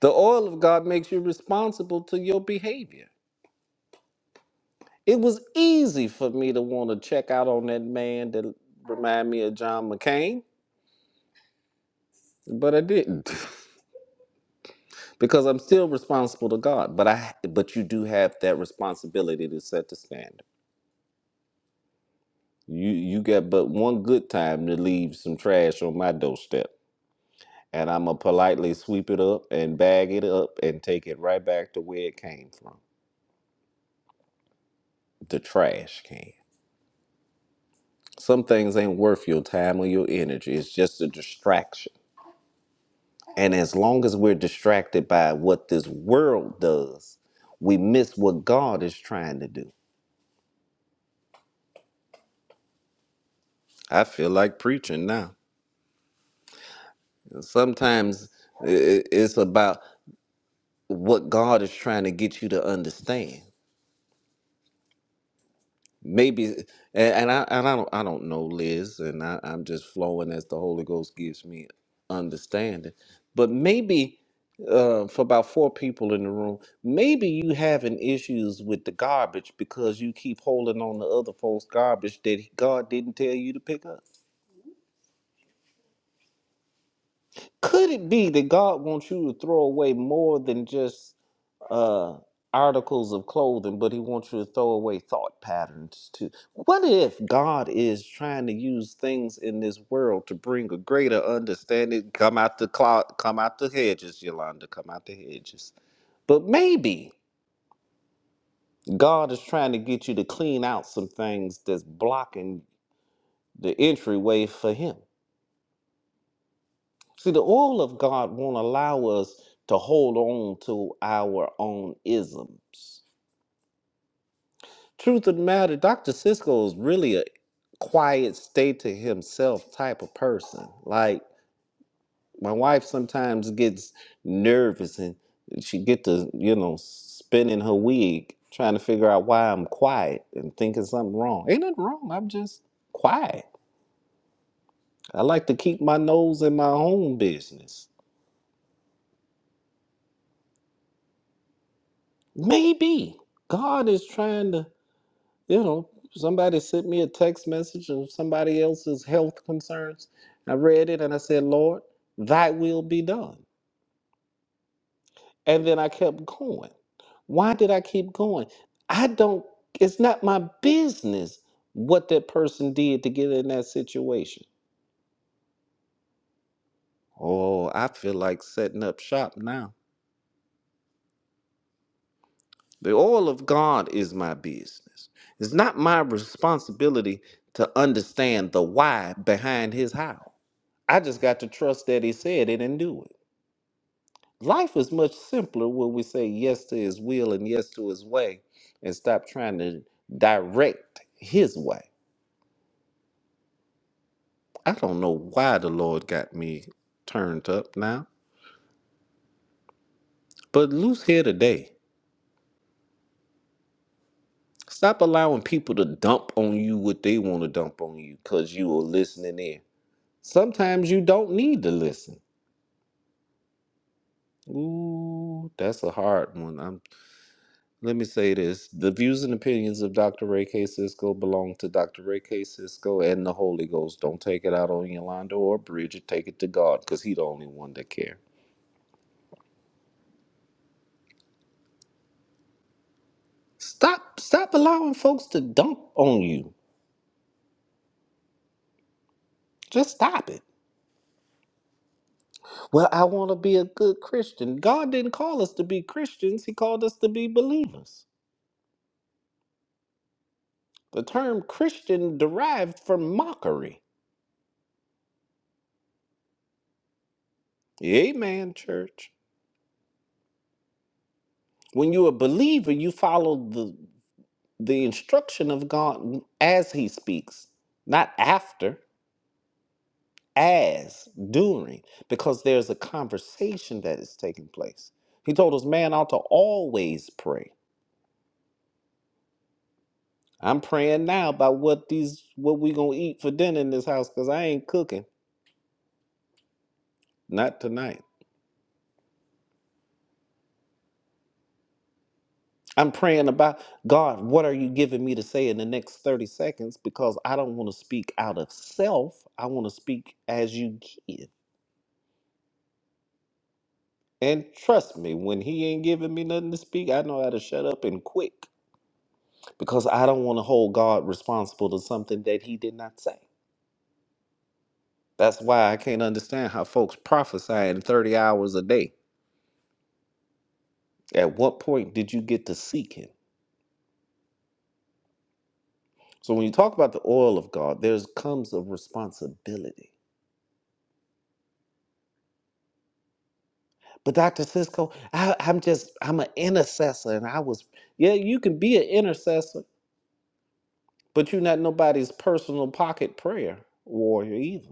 E: The oil of God makes you responsible to your behavior. It was easy for me to want to check out on that man that remind me of John McCain, but I didn't. because I'm still responsible to God. But I but you do have that responsibility to set the standard. You you got but one good time to leave some trash on my doorstep. And I'ma politely sweep it up and bag it up and take it right back to where it came from. The trash can. Some things ain't worth your time or your energy. It's just a distraction. And as long as we're distracted by what this world does, we miss what God is trying to do. I feel like preaching now. Sometimes i- it's about what God is trying to get you to understand. Maybe, and, and I and I don't I don't know Liz, and I, I'm just flowing as the Holy Ghost gives me understanding. But maybe uh, for about four people in the room, maybe you having issues with the garbage because you keep holding on to other folks' garbage that God didn't tell you to pick up. Could it be that God wants you to throw away more than just uh, articles of clothing, but he wants you to throw away thought patterns too. What if God is trying to use things in this world to bring a greater understanding? Come out the clock, come out the hedges, Yolanda, come out the hedges. But maybe God is trying to get you to clean out some things that's blocking the entryway for Him. See, the oil of God won't allow us to hold on to our own isms. Truth of the matter, Dr. Cisco is really a quiet, stay to himself type of person. Like my wife sometimes gets nervous and she get to, you know, spinning her wig, trying to figure out why I'm quiet and thinking something wrong. Ain't nothing wrong. I'm just quiet. I like to keep my nose in my own business. Maybe God is trying to you know, somebody sent me a text message of somebody else's health concerns. I read it and I said, Lord, thy will be done. And then I kept going. Why did I keep going? I don't, it's not my business what that person did to get in that situation. Oh, I feel like setting up shop now. The oil of God is my business. It's not my responsibility to understand the why behind his how. I just got to trust that he said it and do it. Life is much simpler when we say yes to his will and yes to his way and stop trying to direct his way. I don't know why the Lord got me turned up now, but loose here today. Stop allowing people to dump on you what they want to dump on you because you are listening in. Sometimes you don't need to listen. Ooh, that's a hard one. I'm. Let me say this. The views and opinions of Dr. Ray K. Cisco belong to Dr. Ray K. Cisco and the Holy Ghost. Don't take it out on Yolanda or Bridget. Take it to God because he the only one that care. Stop stop allowing folks to dump on you. Just stop it. Well, I want to be a good Christian. God didn't call us to be Christians. He called us to be believers. The term Christian derived from mockery. Amen, church. When you're a believer, you follow the the instruction of God as he speaks, not after, as, during, because there's a conversation that is taking place. He told us man ought to always pray. I'm praying now about what these what we gonna eat for dinner in this house because I ain't cooking. Not tonight. I'm praying about God, what are you giving me to say in the next 30 seconds? Because I don't want to speak out of self. I want to speak as you give. And trust me, when he ain't giving me nothing to speak, I know how to shut up and quick because I don't want to hold God responsible to something that he did not say. That's why I can't understand how folks prophesy in 30 hours a day. At what point did you get to seek him? So when you talk about the oil of God, there's comes a responsibility. But Dr. Cisco, I, I'm just, I'm an intercessor and I was, yeah, you can be an intercessor, but you're not nobody's personal pocket prayer warrior either.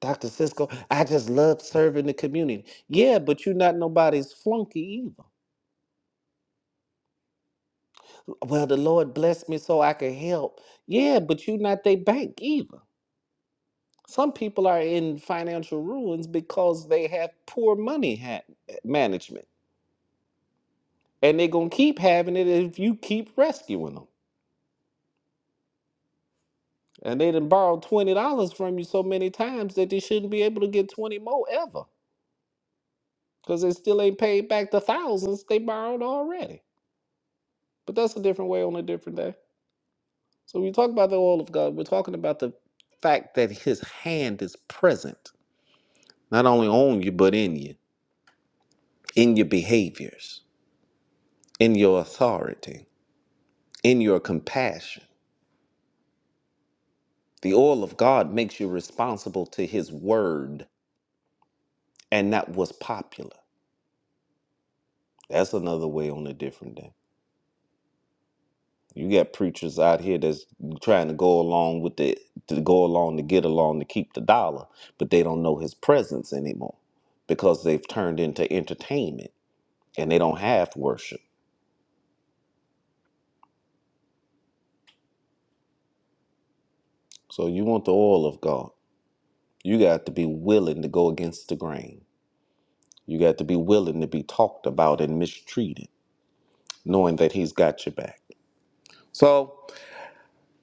E: Dr. Cisco, I just love serving the community. Yeah, but you're not nobody's flunky either. Well, the Lord blessed me so I could help. Yeah, but you're not their bank either. Some people are in financial ruins because they have poor money ha- management. And they're going to keep having it if you keep rescuing them. And they done borrowed $20 from you so many times that they shouldn't be able to get 20 more ever because they still ain't paid back the thousands they borrowed already. But that's a different way on a different day. So when we talk about the oil of God, we're talking about the fact that his hand is present, not only on you, but in you, in your behaviors, in your authority, in your compassion. The oil of God makes you responsible to his word and not what's popular. That's another way on a different day. You got preachers out here that's trying to go along with the to go along to get along to keep the dollar, but they don't know his presence anymore because they've turned into entertainment and they don't have worship. So you want the oil of God. You got to be willing to go against the grain. You got to be willing to be talked about and mistreated, knowing that He's got your back. So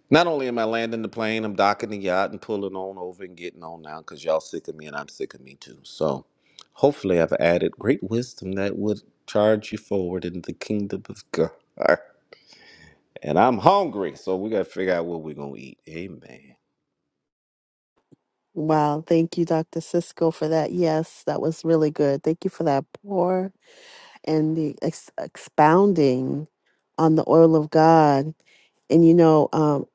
E: not only am I landing the plane, I'm docking the yacht and pulling on over and getting on now because y'all sick of me and I'm sick of me too. So hopefully I've added great wisdom that would charge you forward in the kingdom of God. And I'm hungry, so we got to figure out what we're going to eat. Amen.
A: Wow, thank you, Dr. Cisco, for that. Yes, that was really good. Thank you for that pour and the ex- expounding on the oil of God. And you know, um,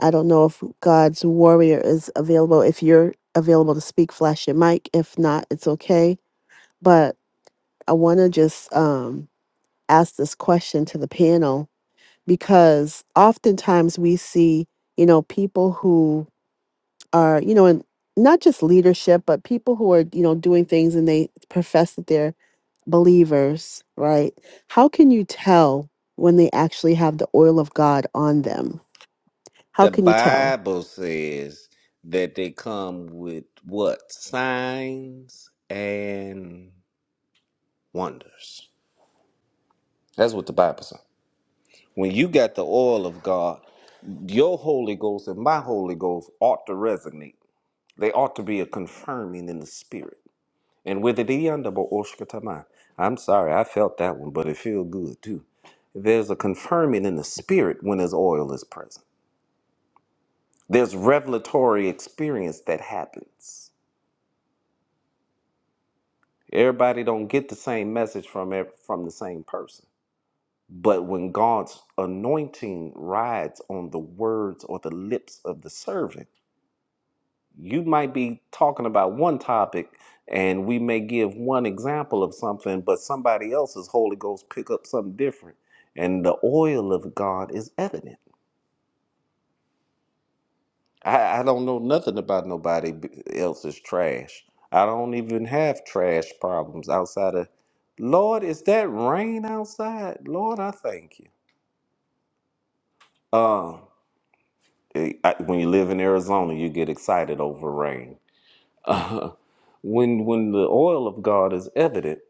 A: I don't know if God's warrior is available. If you're available to speak, flash your mic. If not, it's okay. But I want to just um, ask this question to the panel because oftentimes we see, you know, people who are, you know, in not just leadership, but people who are, you know, doing things and they profess that they're believers, right? How can you tell when they actually have the oil of God on them? How
E: The
A: can you tell?
E: Bible says that they come with what? Signs and wonders. That's what the Bible says. When you got the oil of God, your Holy Ghost and my Holy Ghost ought to resonate. They ought to be a confirming in the spirit. And with it, the under bo- I'm sorry, I felt that one, but it feels good too. There's a confirming in the spirit when his oil is present. There's revelatory experience that happens. Everybody don't get the same message from ev- from the same person. But when God's anointing rides on the words or the lips of the servant, you might be talking about one topic and we may give one example of something, but somebody else's Holy Ghost pick up something different. And the oil of God is evident. I, I don't know nothing about nobody b- else's trash. I don't even have trash problems outside of. Lord, is that rain outside? Lord, I thank you. Um, eh, I, when you live in Arizona, you get excited over rain. Uh, when when the oil of God is evident,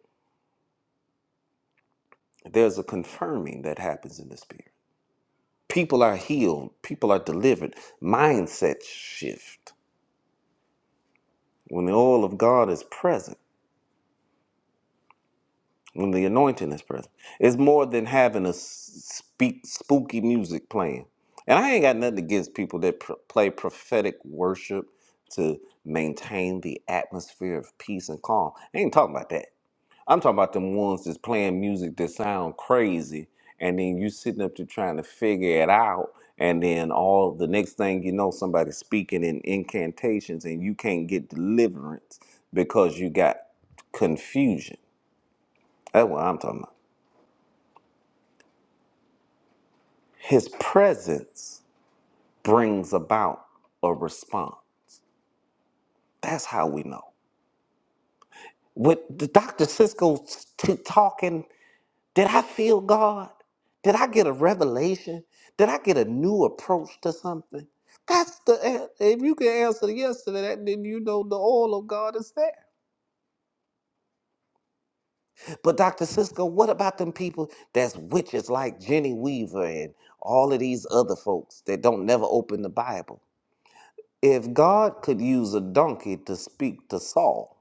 E: there's a confirming that happens in the spirit. People are healed. People are delivered. Mindset shift when the oil of God is present. When the anointing is present, it's more than having a s- speak spooky music playing. And I ain't got nothing against people that pr- play prophetic worship to maintain the atmosphere of peace and calm. I ain't talking about that. I'm talking about them ones that's playing music that sound crazy, and then you sitting up there trying to figure it out, and then all the next thing you know, somebody's speaking in incantations, and you can't get deliverance because you got confusion. That's what I'm talking about. His presence brings about a response. That's how we know. With the Dr. Cisco t- talking, did I feel God? Did I get a revelation? Did I get a new approach to something? That's the an- if you can answer yes to that, then you know the oil of God is there. But Dr. Cisco, what about them people that's witches like Jenny Weaver and all of these other folks that don't never open the Bible? If God could use a donkey to speak to Saul,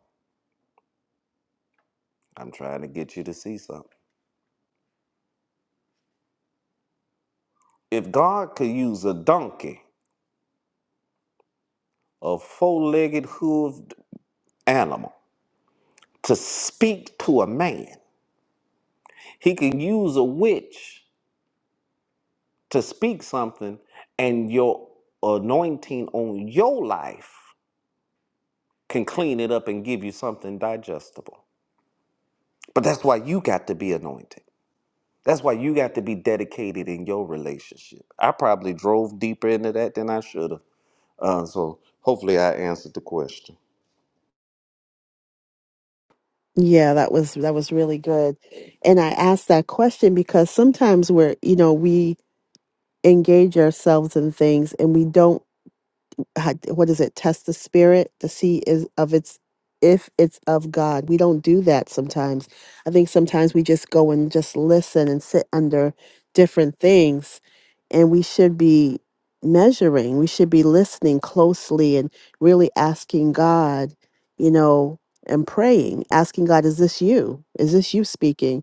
E: I'm trying to get you to see something. If God could use a donkey, a four legged hooved animal, to speak to a man, he could use a witch to speak something, and your anointing on your life can clean it up and give you something digestible. But that's why you got to be anointed. That's why you got to be dedicated in your relationship. I probably drove deeper into that than I should have. Uh, so hopefully I answered the question.
A: Yeah, that was that was really good. And I asked that question because sometimes we're, you know, we engage ourselves in things and we don't how- what is it test the spirit to see is of its if it's of god we don't do that sometimes i think sometimes we just go and just listen and sit under different things and we should be measuring we should be listening closely and really asking god you know and praying asking god is this you is this you speaking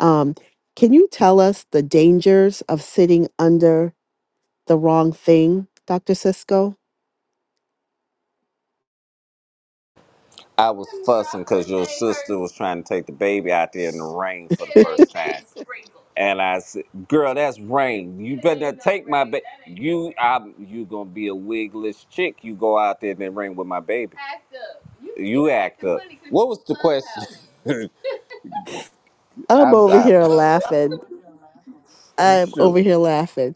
A: um can you tell us the dangers of sitting under the wrong thing, Dr. Cisco?
E: I was fussing because your sister was trying to take the baby out there in the rain for the first time. And I said, "Girl, that's rain. You better not take my baby. You, I'm, you gonna be a wigless chick. You go out there in the rain with my baby. You act up. What was the question? I,
A: I'm over
E: I,
A: here laughing. I'm
E: sure.
A: over here laughing.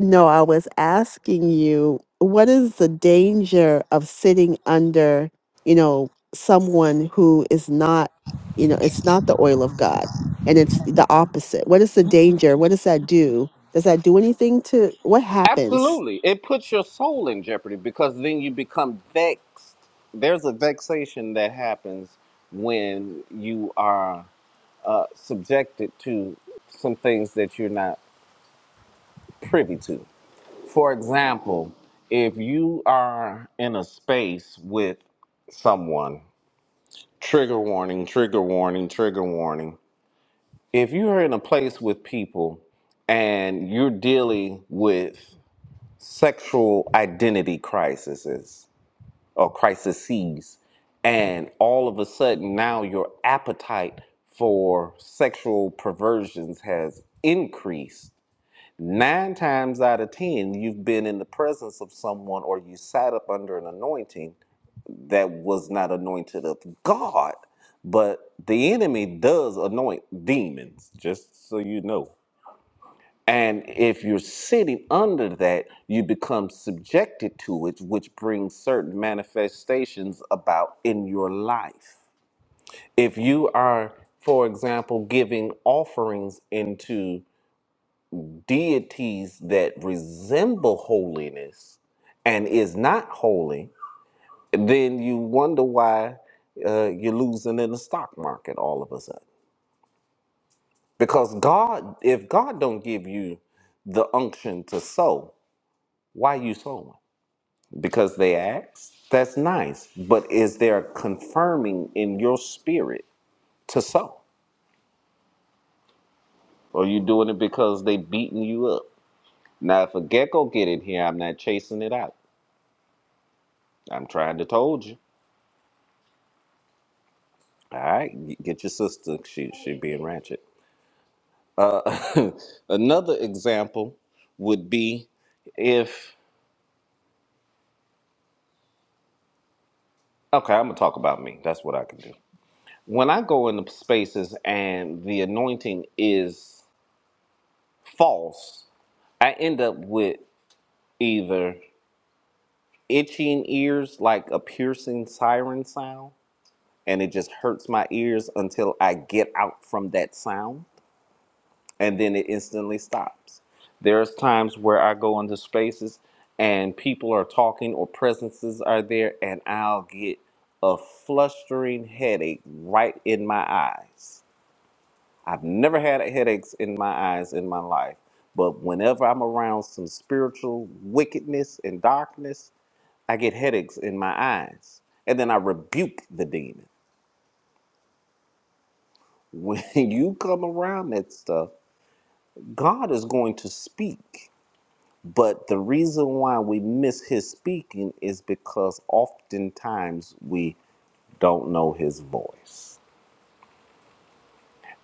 A: No, I was asking you, what is the danger of sitting under, you know, someone who is not, you know, it's not the oil of God and it's the opposite. What is the danger? What does that do? Does that do anything to what happens?
E: Absolutely. It puts your soul in jeopardy because then you become vexed. There's a vexation that happens when you are uh, subjected to some things that you're not privy to. For example, if you are in a space with someone, trigger warning, trigger warning, trigger warning. If you're in a place with people and you're dealing with sexual identity crises, or crises. And all of a sudden, now your appetite for sexual perversions has increased. Nine times out of 10, you've been in the presence of someone or you sat up under an anointing that was not anointed of God, but the enemy does anoint demons, just so you know. And if you're sitting under that, you become subjected to it, which brings certain manifestations about in your life. If you are, for example, giving offerings into deities that resemble holiness and is not holy, then you wonder why uh, you're losing in the stock market all of a sudden. Because God, if God don't give you the unction to sow, why you sowing? because they asked. That's nice. But is there confirming in your spirit to sow? Or you doing it because they beating you up? Now, if a gecko get in here, I'm not chasing it out. I'm trying to told you. All right, g- get your sister. She she being ratchet. Uh, another example would be if okay, I'm gonna talk about me. That's what I can do. When I go into spaces and the anointing is false, I end up with either itching ears like a piercing siren sound and it just hurts my ears until I get out from that sound and then it instantly stops. There's times where I go into spaces and people are talking or presences are there and I'll get a flustering headache right in my eyes. I've never had headaches in my eyes in my life, but whenever I'm around some spiritual wickedness and darkness, I get headaches in my eyes. And then I rebuke the demon. When you come around that stuff, God is going to speak. But the reason why we miss his speaking is because oftentimes we don't know his voice.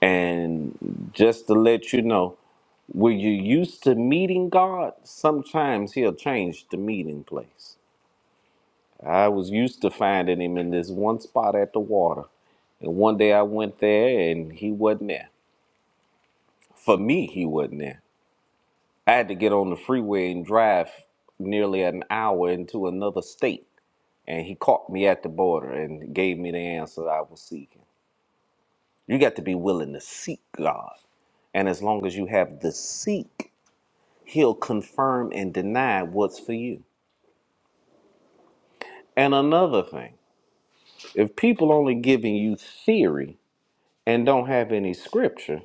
E: And just to let you know, when you're used to meeting God, sometimes he'll change the meeting place. I was used to finding him in this one spot at the water. And one day I went there and he wasn't there. For me, he wasn't there. I had to get on the freeway and drive nearly an hour into another state. And he caught me at the border and gave me the answer I was seeking. You got to be willing to seek God. And as long as you have the seek, he'll confirm and deny what's for you. And another thing, if people only giving you theory and don't have any scripture,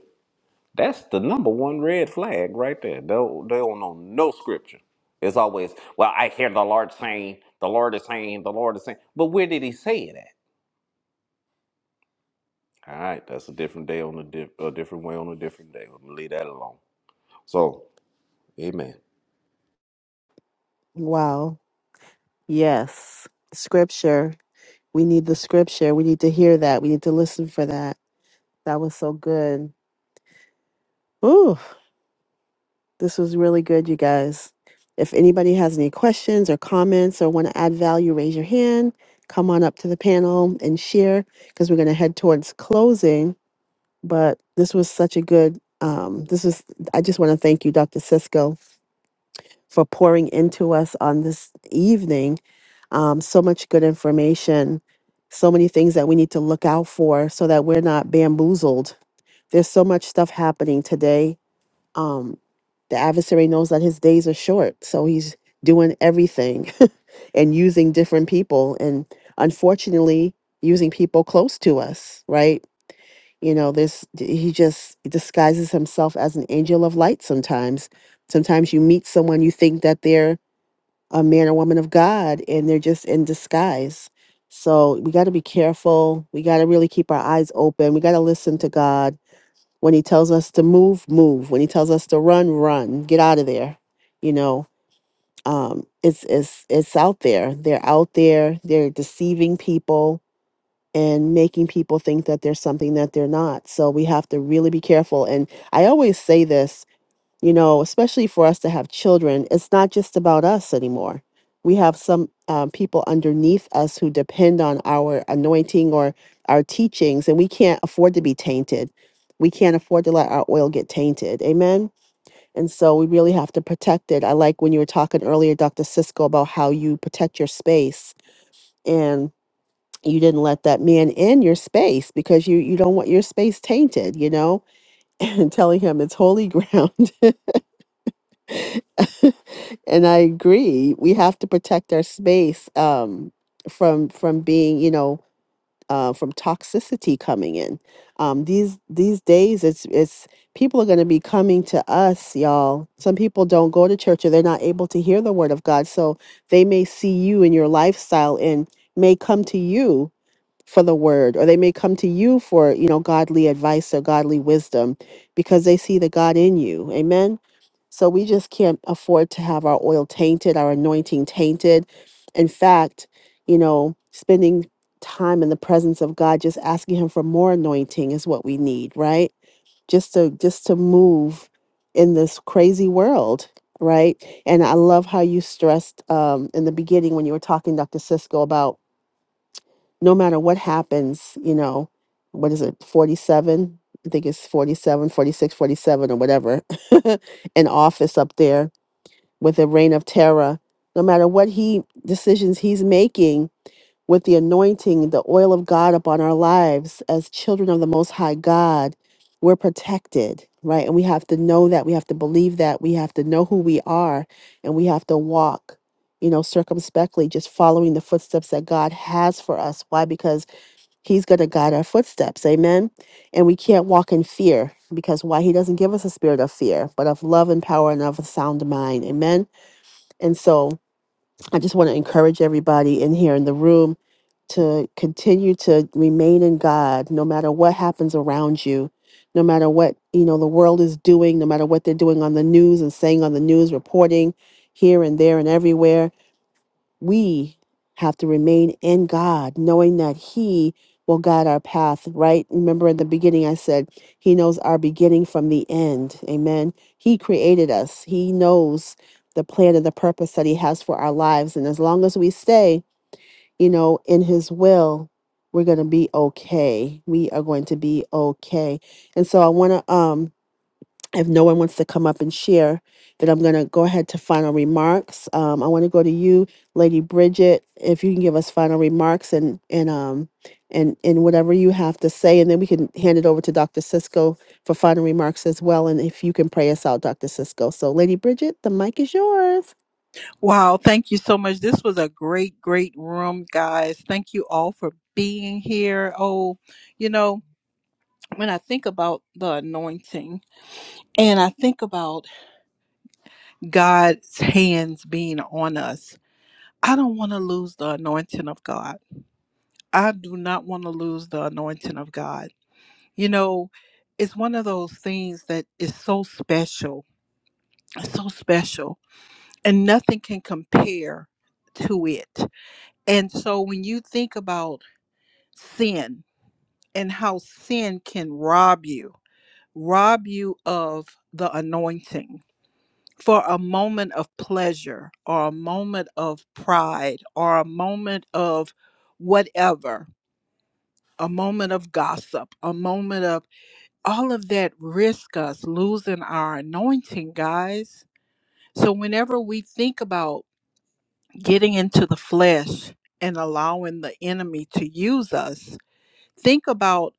E: That's the number one red flag right there. They don't, they don't know no scripture. It's always, well, I hear the Lord saying, the Lord is saying, the Lord is saying. But where did he say it at? All right, that's a different day on a, di- a different way on a different day. We'll leave that alone. So, amen.
A: Wow. Yes. Scripture. We need the scripture. We need to hear that. We need to listen for that. That was so good. Ooh. This was really good, you guys. If anybody has any questions or comments or want to add value, raise your hand. Come on up to the panel and share because we're going to head towards closing. But this was such a good, um, this was, I just want to thank you, Dr. Cisco, for pouring into us on this evening. Um, so much good information, so many things that we need to look out for so that we're not bamboozled. There's so much stuff happening today um, the adversary knows that his days are short, so he's doing everything and using different people, and unfortunately, using people close to us, right? You know, this d- he just disguises himself as an angel of light sometimes. Sometimes you meet someone you think that they're a man or woman of God, and they're just in disguise. So we got to be careful. We got to really keep our eyes open. We got to listen to God when he tells us to move, move. When he tells us to run, run. Get out of there. You know, um, it's it's it's out there. They're out there. They're deceiving people and making people think that they're something that they're not. So we have to really be careful. And I always say this you know, especially for us to have children, it's not just about us anymore. We have some um, people underneath us who depend on our anointing or our teachings, and we can't afford to be tainted. We can't afford to let our oil get tainted. Amen. And so we really have to protect it. I like when you were talking earlier, Dr. Cisco, about how you protect your space and you didn't let that man in your space because you you don't want your space tainted, you know, and telling him it's holy ground and I agree. We have to protect our space um, from from being, you know, uh, from toxicity coming in. Um, these these days, it's it's people are going to be coming to us, y'all. Some people don't go to church or they're not able to hear the word of God, so they may see you in your lifestyle and may come to you for the word or they may come to you for you know godly advice or godly wisdom because they see the god in you amen so we just can't afford to have our oil tainted, our anointing tainted. In fact, you know, spending time in the presence of God, just asking Him for more anointing is what we need, right? Just to just to move in this crazy world, right? And I love how you stressed um, in the beginning when you were talking, Dr. Cisco, about no matter what happens, you know, what is it, 47? I think it's 47, 46, 47, or whatever, an office up there with a reign of terror. No matter what he decisions he's making with the anointing, the oil of God upon our lives as children of the most high God, we're protected, right? And we have to know that, we have to believe that, we have to know who we are, and we have to walk, you know, circumspectly, just following the footsteps that God has for us. Why? Because he's going to guide our footsteps. Amen. And we can't walk in fear because why? He doesn't give us a spirit of fear, but of love and power and of a sound mind. Amen. And so I just want to encourage everybody in here in the room to continue to remain in God no matter what happens around you, no matter what, you know, the world is doing, no matter what they're doing on the news and saying on the news, reporting here and there and everywhere we have to remain in God, knowing that He will guide our path, right? Remember in the beginning, I said He knows our beginning from the end. Amen. He created us, He knows the plan and the purpose that He has for our lives. And as long as we stay, you know, in His will, we're going to be okay. We are going to be okay. And so I want to, um, if no one wants to come up and share, then I'm going to go ahead to final remarks. Um, I want to go to you, Lady Bridget, if you can give us final remarks and and um and and whatever you have to say, and then we can hand it over to Dr. Cisco for final remarks as well. And if you can pray us out, Dr. Cisco. So, Lady Bridget, the mic is yours.
B: Wow, thank you so much. This was a great, great room, guys. Thank you all for being here. Oh, you know, when I think about the anointing and I think about God's hands being on us, I don't want to lose the anointing of God. I do not want to lose the anointing of God. You know, it's one of those things that is so special, so special, and nothing can compare to it. And so when you think about sin and how sin can rob you, rob you of the anointing for a moment of pleasure or a moment of pride or a moment of whatever, a moment of gossip, a moment of all of that risk us losing our anointing, guys. So whenever we think about getting into the flesh and allowing the enemy to use us, think about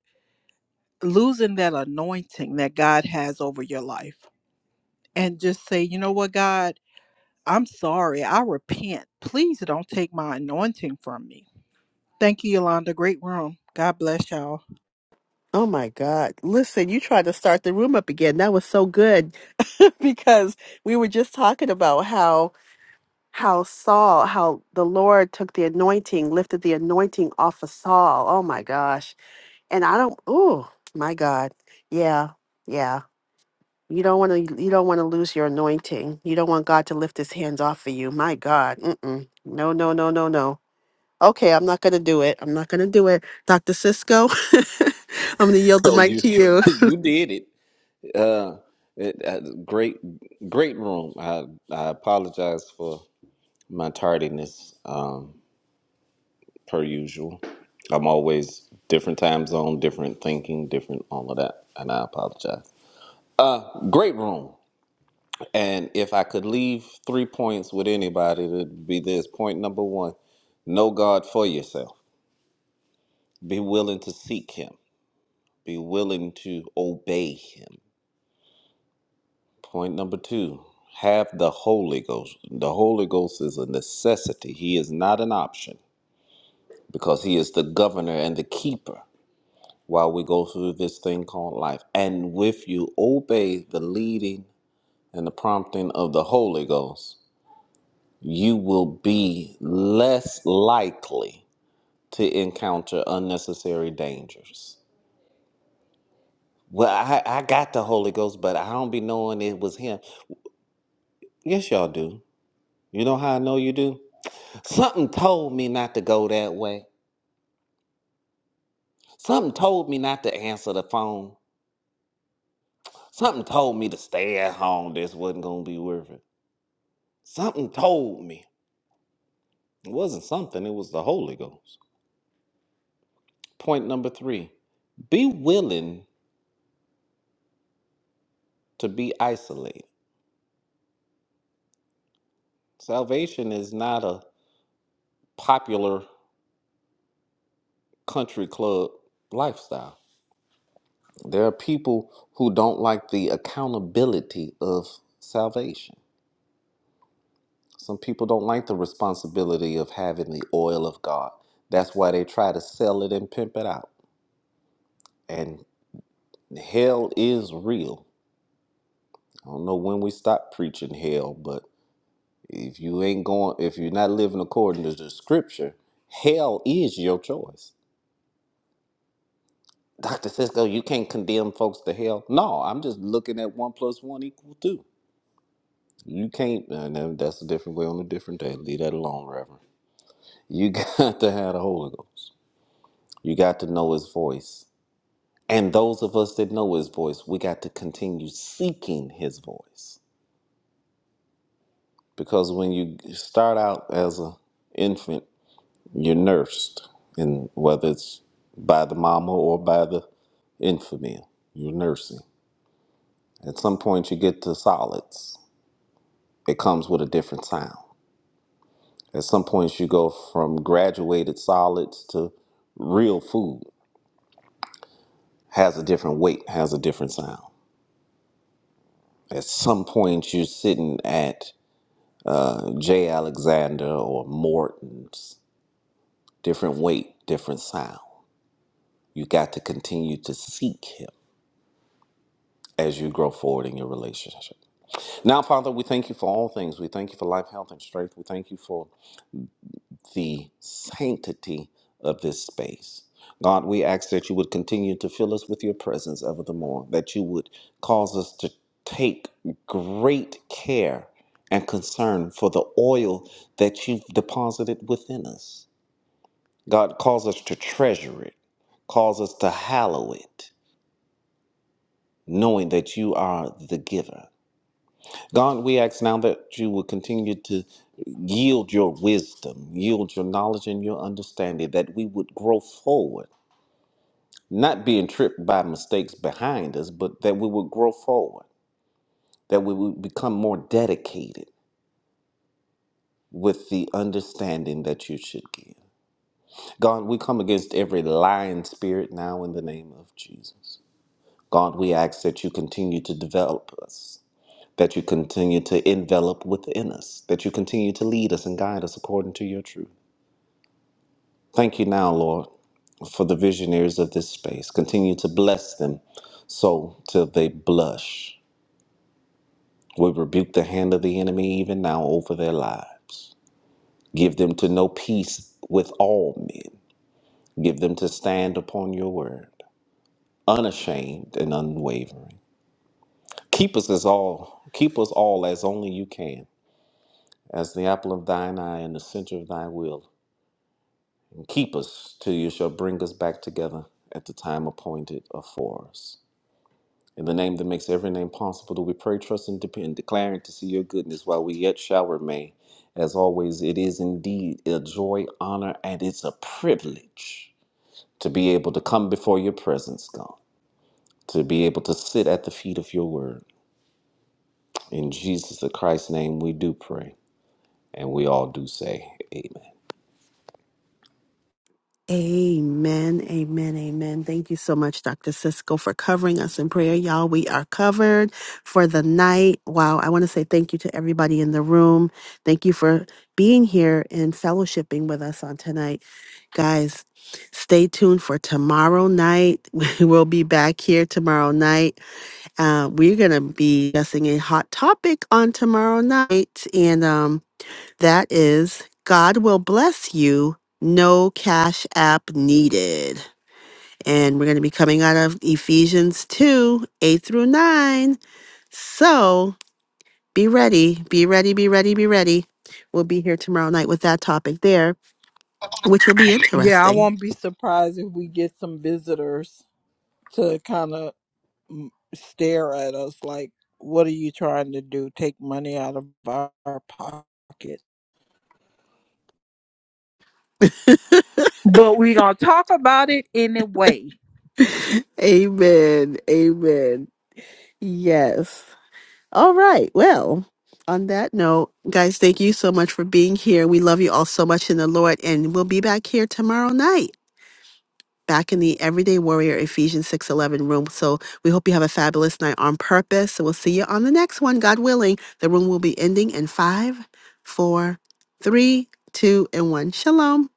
B: losing that anointing that God has over your life and just say, you know what, God, I'm sorry. I repent. Please don't take my anointing from me. Thank you, Yolanda. Great room. God bless y'all.
A: Oh my God! Listen, you tried to start the room up again. That was so good because we were just talking about how how Saul, how the Lord took the anointing, lifted the anointing off of Saul. Oh my gosh. And I don't oh my God. Yeah. Yeah. You don't want to you don't want to lose your anointing. You don't want God to lift his hands off of you. My God. Mm-mm. No, no, no, no, no. Okay, I'm not going to do it. I'm not going to do it. Dr. Cisco, I'm going to yield the
E: So
A: mic
E: you
A: to you.
E: you did it. Uh, it- uh, great, great room. I, I apologize for my tardiness. Um, per usual. I'm always different time zone, different thinking, different all of that, and I apologize. Uh, great room. And if I could leave three points with anybody, it'd be this. Point number one: know God for yourself. Be willing to seek Him. Be willing to obey Him. Point number two: have the Holy Ghost. The Holy Ghost is a necessity. He is not an option because He is the governor and the keeper while we go through this thing called life. And if you obey the leading and the prompting of the Holy Ghost, you will be less likely to encounter unnecessary dangers. Well, I, I got the Holy Ghost, but I don't be knowing it was Him. Yes, y'all do. You know how I know you do? Something told me not to go that way. Something told me not to answer the phone. Something told me to stay at home. This wasn't going to be worth it. Something told me. It wasn't something, it was the Holy Ghost. Point number three be willing to be isolated. Salvation is not a popular country club lifestyle. There are people who don't like the accountability of salvation. Some people don't like the responsibility of having the oil of God. That's why they try to sell it and pimp it out. And hell is real. I don't know when we stop preaching hell, but If you ain't going, if you're not living according to the scripture, hell is your choice. Dr. Cisco, you can't condemn folks to hell. No, I'm just looking at one plus one equal two. You can't, and then that's a different way on a different day. Leave that alone, Reverend. You got to have the Holy Ghost. You got to know His voice. And those of us that know His voice, we got to continue seeking His voice. Because when you start out as an infant You're nursed, and whether it's by the mama or by the infamil, you're nursing. At some point, you get to solids. It comes with a different sound. At some point, you go from graduated solids to real food. Has a different weight, has a different sound. At some point, you're sitting at uh, J. Alexander or Morton's, different weight, different sound. You got to continue to seek him as you grow forward in your relationship. Now, Father, we thank you for all things. We thank you for life, health, and strength. We thank you for the sanctity of this space. God, we ask that you would continue to fill us with your presence ever the more, that you would cause us to take great care and concern for the oil that you've deposited within us. God, cause us to treasure it, cause us to hallow it, knowing that you are the giver. God, we ask now that you will continue to yield your wisdom, yield your knowledge and your understanding, that we would grow forward, not being tripped by mistakes behind us, but that we would grow forward, that we would become more dedicated with the understanding that you should give. God, we come against every lying spirit now in the name of Jesus. God, we ask that you continue to develop us. that you continue to envelop within us, that you continue to lead us and guide us according to your truth. Thank you now, Lord, for the visionaries of this space. Continue to bless them so till they blush. We rebuke the hand of the enemy even now over their lives. Give them to know peace with all men. Give them to stand upon your word, unashamed and unwavering. Keep us as all, keep us all as only you can, as the apple of thine eye and the center of thy will Keep us till you shall bring us back together at the time appointed for us. In the name that makes every name possible, do we pray, trust, and depend, declaring to see your goodness while we yet shall remain. As always, it is indeed a joy, honor, and it's a privilege to be able to come before your presence, God, to be able to sit at the feet of your word. In Jesus the Christ's name, we do pray, and we all do say, Amen.
A: Amen, amen, amen. Thank you so much, Dr. Cisco, for covering us in prayer. Y'all, we are covered for the night. Wow, I want to say thank you to everybody in the room. Thank you for being here and fellowshipping with us on tonight. Guys, stay tuned for tomorrow night. We will be back here tomorrow night. Uh, we're going to be discussing a hot topic on tomorrow night. And, um, that is, God will bless you, no cash app needed. And we're going to be coming out of Ephesians 2 8 through 9. So be ready, be ready, be ready, be ready. We'll be here tomorrow night with that topic there, which will be
B: Yeah, I
A: interesting.
B: won't be surprised if we get some visitors to kind of stare at us like, what are you trying to do? Take money out of our our pocket. But we're going to talk about it anyway.
A: Amen. Amen. Yes. All right. Well, on that note, guys, thank you so much for being here. We love you all so much in the Lord, and we'll be back here tomorrow night. Back in the Everyday Warrior Ephesians 6:11 room. So we hope you have a fabulous night on purpose. So we'll see you on the next one, God willing. The room will be ending in five, four, three, two, and one. Shalom.